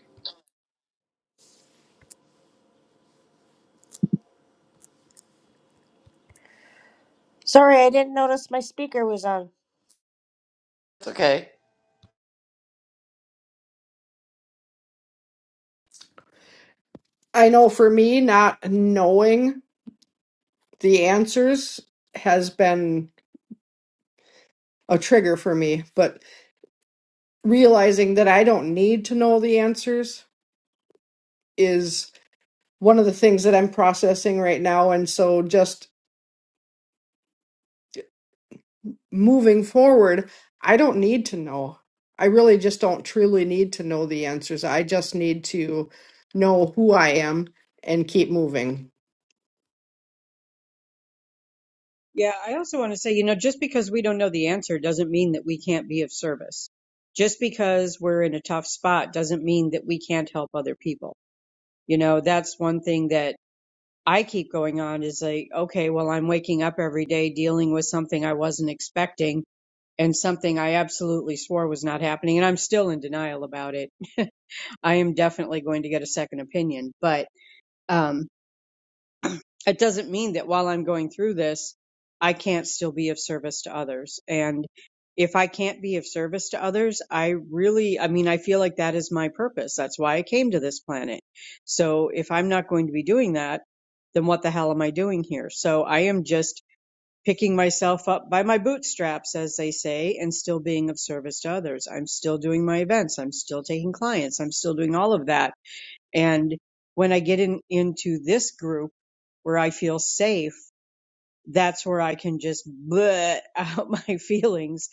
S5: sorry i didn't notice my speaker was on
S1: it's okay
S2: I know for me not knowing the answers has been a trigger for me, but realizing that I don't need to know the answers is one of the things that I'm processing right now and so just moving forward, I don't need to know. I really just don't truly need to know the answers. I just need to know who I am and keep moving.
S4: Yeah, I also want to say, you know, just because we don't know the answer doesn't mean that we can't be of service. Just because we're in a tough spot doesn't mean that we can't help other people. You know, that's one thing that I keep going on is like, okay, well, I'm waking up every day dealing with something I wasn't expecting and something I absolutely swore was not happening. And I'm still in denial about it. *laughs* I am definitely going to get a second opinion, but, um, it doesn't mean that while I'm going through this, I can't still be of service to others. And if I can't be of service to others, I really, I mean, I feel like that is my purpose. That's why I came to this planet. So if I'm not going to be doing that, then what the hell am I doing here? So I am just picking myself up by my bootstraps, as they say, and still being of service to others. I'm still doing my events. I'm still taking clients. I'm still doing all of that and when I get in, into this group where I feel safe, that's where I can just bleh out *laughs* my feelings.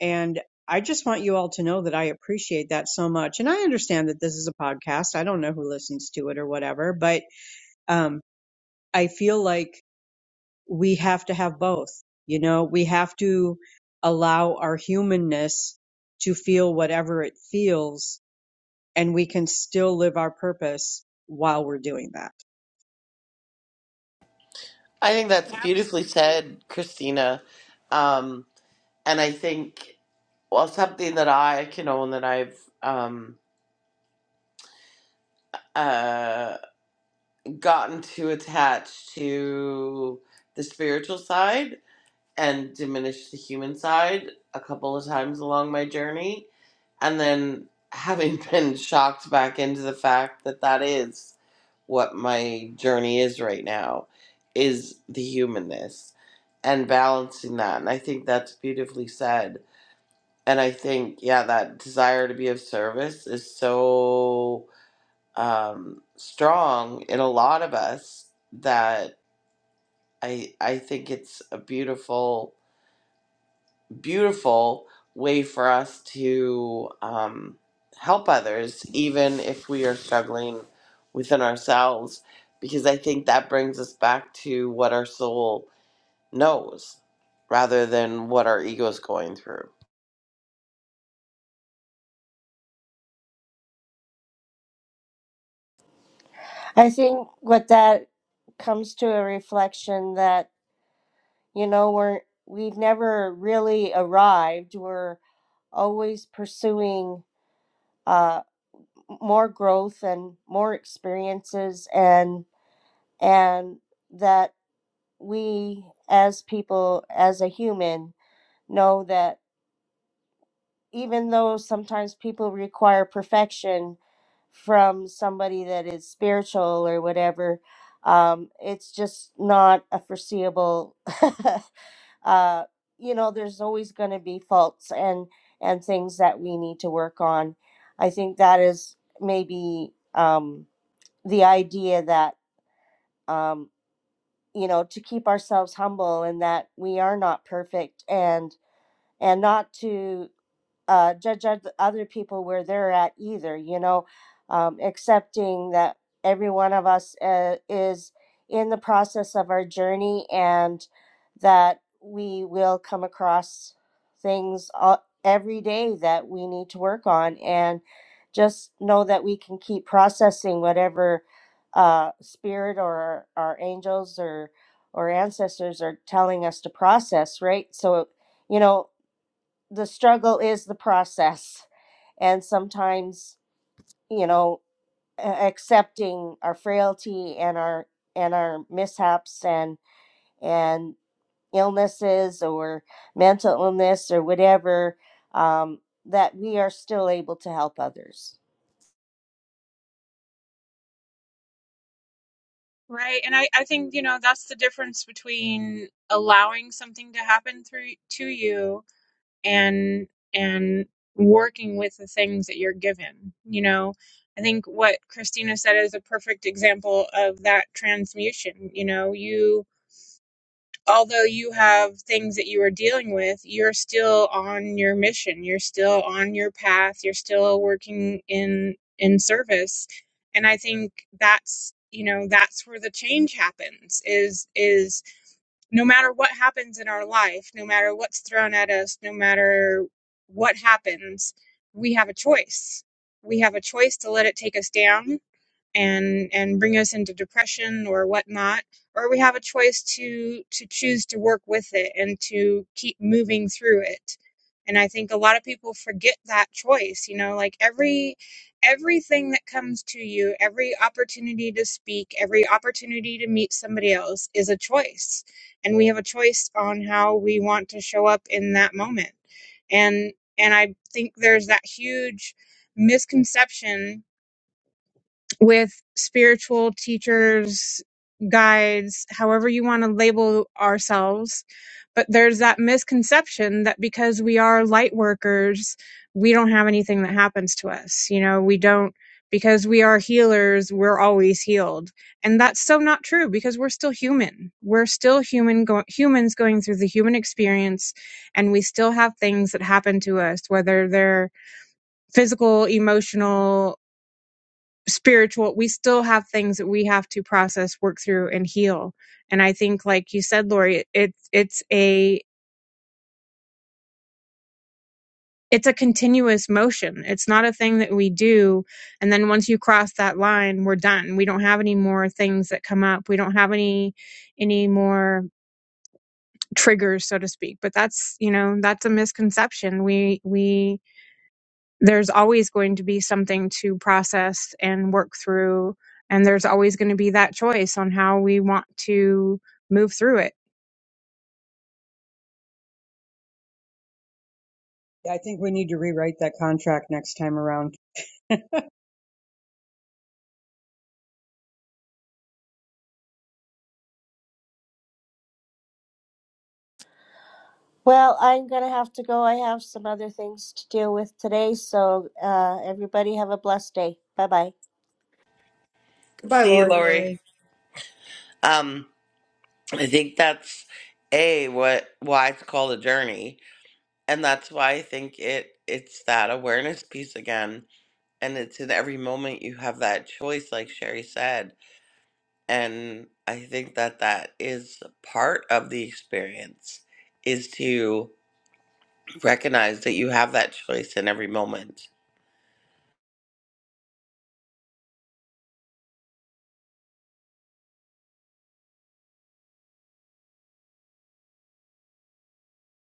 S4: And I just want you all to know that I appreciate that so much. And I understand that this is a podcast. I don't know who listens to it or whatever, but, um, I feel like we have to have both. You know, we have to allow our humanness to feel whatever it feels and we can still live our purpose while we're doing that.
S1: i think that's beautifully
S6: Absolutely.
S1: said christina um, and i think well something that i can own that i've um, uh, gotten too attached to the spiritual side and diminished the human side a couple of times along my journey. And then *laughs* having been shocked back into the fact that that is what my journey is right now is the humanness and balancing that. And I think that's beautifully said. And I think, yeah, that desire to be of service is so um, strong in a lot of us that I I think it's a beautiful beautiful way for us to um, help others even if we are struggling within ourselves because I think that brings us back to what our soul knows rather than what our ego is going through.
S5: i think what that comes to a reflection that you know we're we've never really arrived We're always pursuing uh, more growth and more experiences and and that we as people as a human know that even though sometimes people require perfection from somebody that is spiritual or whatever um, it's just not a foreseeable *laughs* uh, you know, there's always going to be faults and and things that we need to work on. I think that is maybe um, the idea that um, you know to keep ourselves humble and that we are not perfect and and not to uh, judge oth- other people where they're at either, you know, um, accepting that every one of us uh, is in the process of our journey and that we will come across things all, every day that we need to work on. And just know that we can keep processing whatever uh, spirit or our angels or or ancestors are telling us to process, right? So, you know, the struggle is the process and sometimes you know a- accepting our frailty and our and our mishaps and and illnesses or mental illness or whatever um, that we are still able to help others
S6: Right. And I, I think, you know, that's the difference between allowing something to happen through to you and and working with the things that you're given you know i think what christina said is a perfect example of that transmutation you know you although you have things that you are dealing with you're still on your mission you're still on your path you're still working in in service and i think that's you know that's where the change happens Is is no matter what happens in our life, no matter what's thrown at us, no matter what happens, we have a choice. We have a choice to let it take us down and and bring us into depression or whatnot, or we have a choice to to choose to work with it and to keep moving through it and i think a lot of people forget that choice you know like every everything that comes to you every opportunity to speak every opportunity to meet somebody else is a choice and we have a choice on how we want to show up in that moment and and i think there's that huge misconception with spiritual teachers guides however you want to label ourselves but there's that misconception that because we are light workers, we don't have anything that happens to us. You know, we don't, because we are healers, we're always healed. And that's so not true because we're still human. We're still human, go- humans going through the human experience and we still have things that happen to us, whether they're physical, emotional, spiritual. We still have things that we have to process, work through and heal and i think like you said lori it, it's it's a it's a continuous motion. It's not a thing that we do. And then once you cross that line, we're done. We don't have any more things that come up. We don't have any, any more triggers, so to speak. But that's, you know, that's a misconception. We, we, there's always going to be something to process and work through. And there's always going to be that choice on how we want to move through it.
S4: Yeah, I think we need to rewrite that contract next time around.
S5: well i'm gonna have to go i have some other things to deal with today so uh, everybody have a blessed day bye bye
S2: Goodbye,
S1: See
S2: Lori.
S4: Bye,
S1: Lori.
S4: Lori.
S1: Um, I think that's a what why it's called a journey and that's why I think it it's that awareness piece again. And it's in every moment you have that choice, like Sherry said. And I think that that is part of the experience is to recognize that you have that choice in every moment.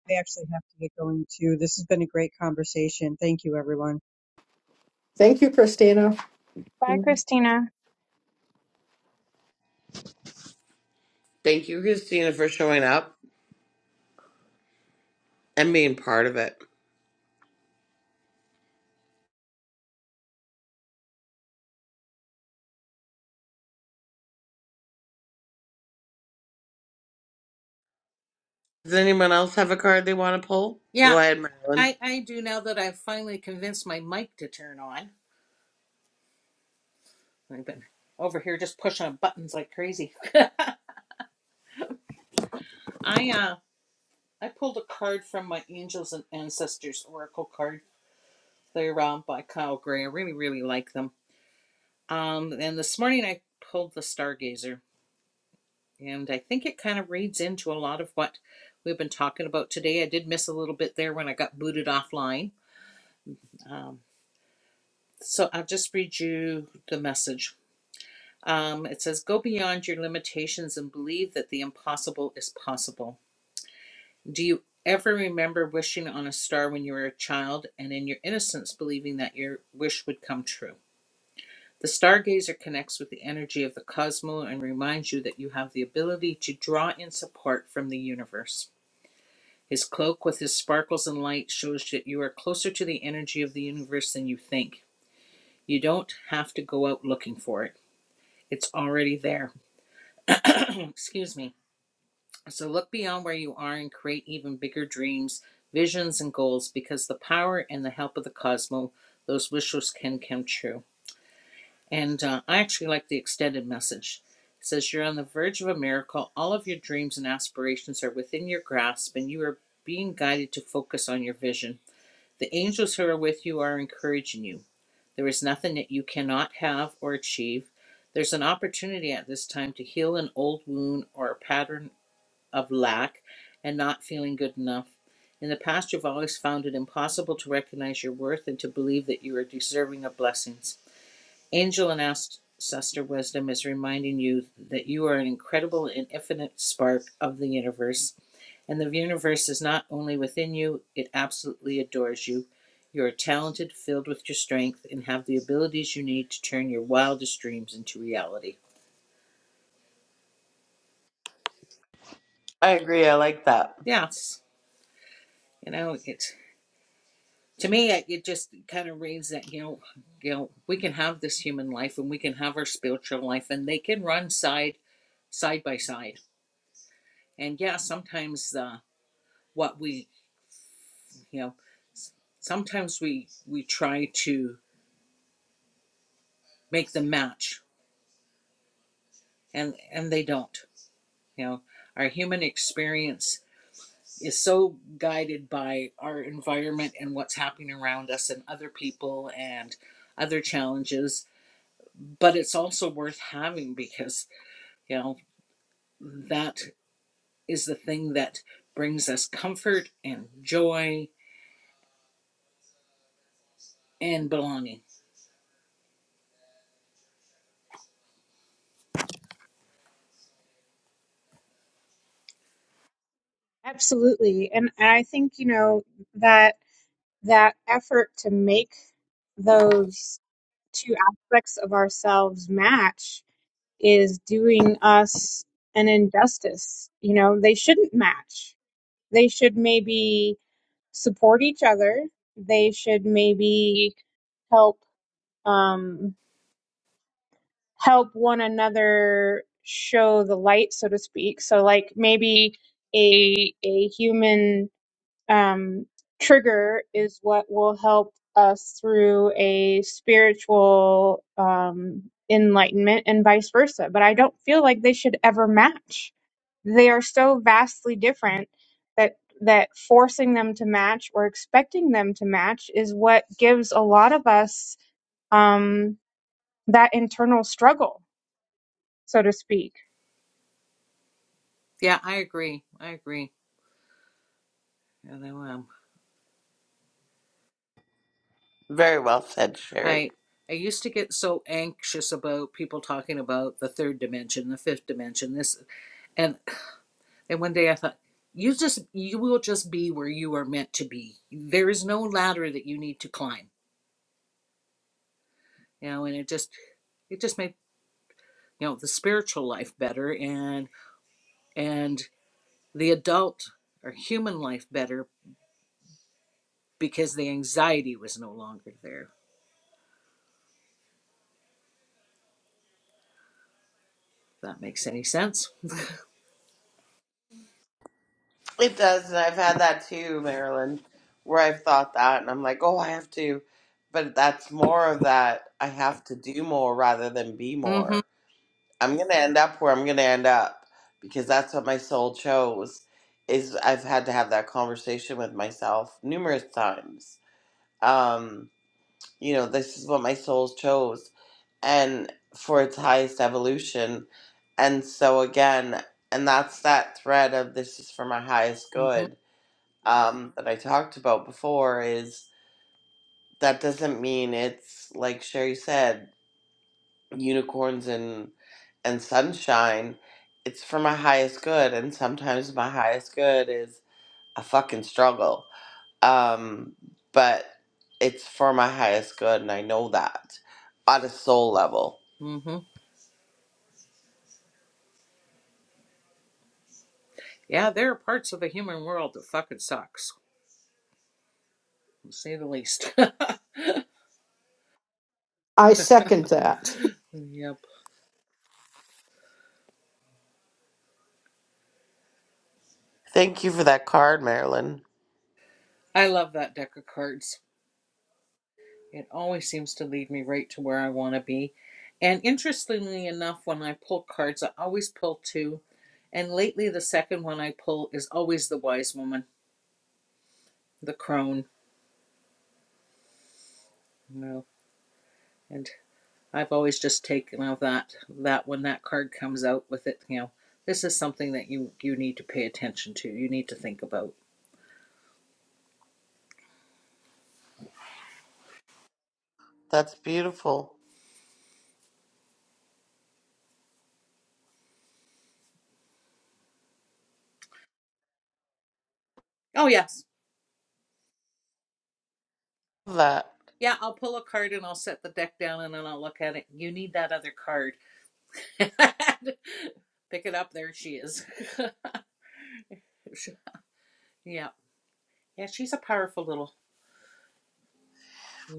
S4: I actually have to get going too. This has been a great conversation. Thank you, everyone.
S2: Thank you, Christina.
S6: Bye, Christina.
S1: Thank you, Christina, for showing up and being part of it. Does anyone else have a card they want to pull? Go
S3: Yeah,
S1: ahead, Marilyn.
S3: I I do now that I've finally convinced my mic to turn on. I've been over here just pushing on buttons like crazy. I uh I pulled a card from my Angels and Ancestors Oracle card. They're um by Kyle Gray. I really really like them. Um, and this morning I pulled the Stargazer, and I think it kind of reads into a lot of what we've been talking about today. I did miss a little bit there when I got booted offline. Um. So I'll just read you the message. Um, it says, Go beyond your limitations and believe that the impossible is possible. Do you ever remember wishing on a star when you were a child and in your innocence believing that your wish would come true? The stargazer connects with the energy of the cosmos and reminds you that you have the ability to draw in support from the universe. His cloak with his sparkles and light shows that you are closer to the energy of the universe than you think. You don't have to go out looking for it. It's already there. *clears throat* Excuse me. So look beyond where you are and create even bigger dreams, visions, and goals because the power and the help of the cosmos, those wishes can come true. And uh, I actually like the extended message. It says, You're on the verge of a miracle. All of your dreams and aspirations are within your grasp, and you are being guided to focus on your vision. The angels who are with you are encouraging you. There is nothing that you cannot have or achieve. There's an opportunity at this time to heal an old wound or a pattern of lack and not feeling good enough. In the past, you've always found it impossible to recognize your worth and to believe that you are deserving of blessings. Angel and Ancestor Wisdom is reminding you that you are an incredible and infinite spark of the universe and the universe is not only within you, it absolutely adores you. You are talented, filled with your strength, and have the abilities you need to turn your wildest dreams into reality.
S1: I agree. I like that.
S3: Yes, you know, it's to me, it just kind of reads that, you know, you know, we can have this human life and we can have our spiritual life and they can run side side by side. And yeah, sometimes the what we, you know, sometimes we we try to make them match and and they don't You know, our human experience is so guided by our environment and what's happening around us and other people and other challenges, but it's also worth having because, you know, that is the thing that brings us comfort and joy and belonging.
S6: Absolutely. And and I think, you know, that that effort to make those two aspects of ourselves match is doing us an injustice. You know, they shouldn't match. They should maybe support each other. They should maybe help um help one another show the light, so to speak. So like maybe a a human um, trigger is what will help us through a spiritual um, enlightenment and vice versa. But I don't feel like they should ever match. They are so vastly different that that forcing them to match or expecting them to match is what gives a lot of us um, that internal struggle, so to speak.
S3: Yeah, I agree. I agree. And um,
S1: Very well said, Sherry.
S3: I I used to get so anxious about people talking about the third dimension, the fifth dimension, this and And one day I thought, you just you will just be where you are meant to be. There is no ladder that you need to climb. You know, and it just it just made you know the spiritual life better and and the adult or human life better because the anxiety was no longer there. If that makes any sense.
S1: It does, and I've had that too, Marilyn, where I've thought that, and I'm like, oh, I have to, but that's more of that. I have to do more rather than be
S3: Mm-hmm.
S1: more. I'm gonna end up where I'm gonna end up because that's what my soul chose. Is I've had to have that conversation with myself numerous times. Um, you know, this is what my soul chose, and for its highest evolution. And so again, and that's that thread of this is for my highest
S3: Mm-hmm.
S1: good um, that I talked about before is that doesn't mean it's like Sherry said, unicorns and and sunshine. It's for my highest good, and sometimes my highest good is a fucking struggle. Um, but it's for my highest good, and I know that on a soul level.
S3: Mm-hmm. Yeah, there are parts of the human world that fucking sucks, to say the least. *laughs*
S2: I second that. *laughs*
S3: yep.
S1: Thank you for that card, Marilyn.
S3: I love that deck of cards. It always seems to lead me right to where I want to be. And interestingly enough, when I pull cards, I always pull two. And lately, the second one I pull is always the wise woman, the crone. You know, and I've always just taken of that that when that card comes out with it. You know, this is something that you you need to pay attention to. You need to think about.
S1: That's beautiful.
S3: Oh yes,
S1: Love That
S3: yeah. I'll pull a card and I'll set the deck down and then I'll look at it. You need that other card. *laughs* Pick it up. There she is. *laughs* Yeah. Yeah, she's a powerful little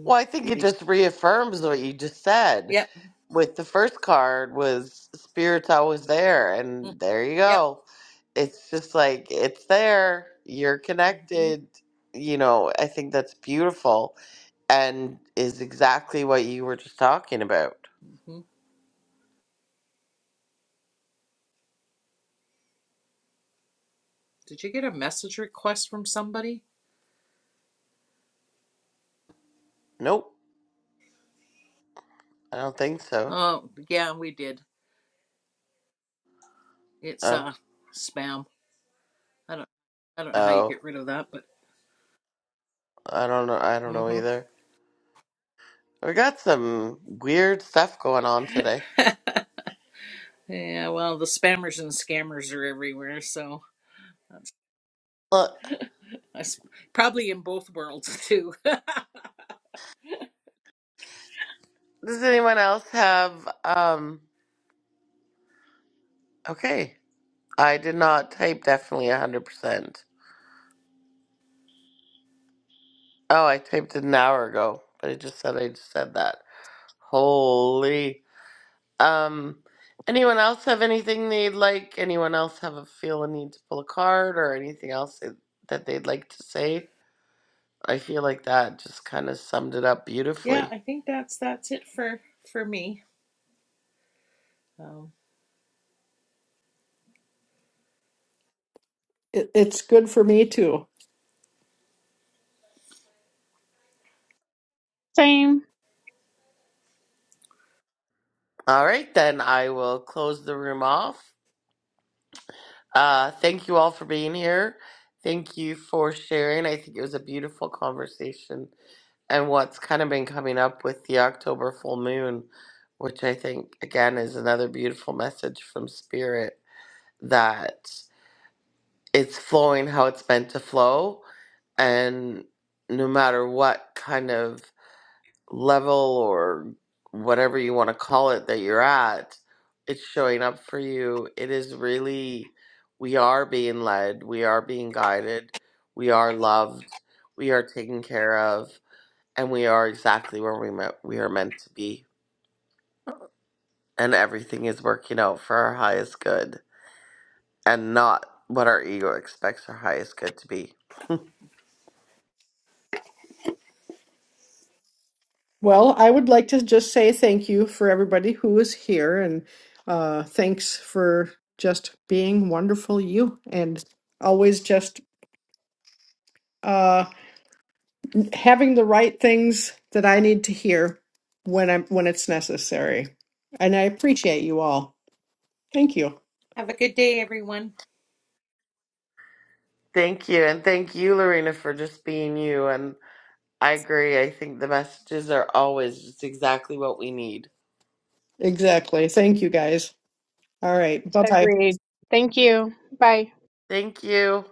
S1: well, I think it
S3: lady.
S1: just reaffirms what you just said
S3: Yep.
S1: with the first card was spirits always there
S3: Mm,
S1: and there you
S3: Yep.
S1: go it's just like it's there you're
S3: hmm
S1: connected you know i think that's beautiful and is exactly what you were just talking about
S3: hmm Did you get a message request from somebody?
S1: nope i don't think so
S3: Oh, yeah, we did. It's
S1: oh
S3: uh spam. I don't I don't know how you
S1: oh
S3: get rid of that, but
S1: i don't know i don't know
S3: hmm
S1: either we got some weird stuff going on today
S3: Yeah, well, the spammers and scammers are everywhere, so
S1: look
S3: that's probably in both worlds too.
S1: does anyone else have um okay i did not type definitely 100% Oh, I typed it an hour ago, but I just said I just said that. Holy. Um. Anyone else have anything they'd like? Anyone else have a feel a need to pull a card or anything else that that they'd like to say? I feel like that just kind of summed it up
S3: *laughs* yeah,
S1: beautifully.
S3: I think that's that's it for for me. Um,
S2: It, it's good for me too.
S1: All right, then I will close the room off. Uh, thank you all for being here. Thank you for sharing. I think it was a beautiful conversation and what's kind of been coming up with the October full moon, which I think again is another beautiful message from spirit that it's flowing how it's meant to flow and no matter what kind of level or whatever you want to call it that you're at, it's showing up for you. It is really we are being led, we are being guided, we are loved, we are taken care of and we are exactly where we met, we are meant to be, and everything is working out for our highest good, and not what our ego expects our highest good to be.
S2: Well, I would like to just say thank you for everybody who is here and uh, thanks for just being wonderful you and always just uh, having the right things that I need to hear when I'm when it's necessary. And I appreciate you all. Thank you.
S3: have a good day, everyone.
S1: Thank you, and thank you, Lorena, for just being you. And I agree. I think the messages are always just exactly what we need.
S2: Exactly. Thank you guys. All right. Bye-bye.
S6: Agreed. Thank you. Bye.
S1: Thank you.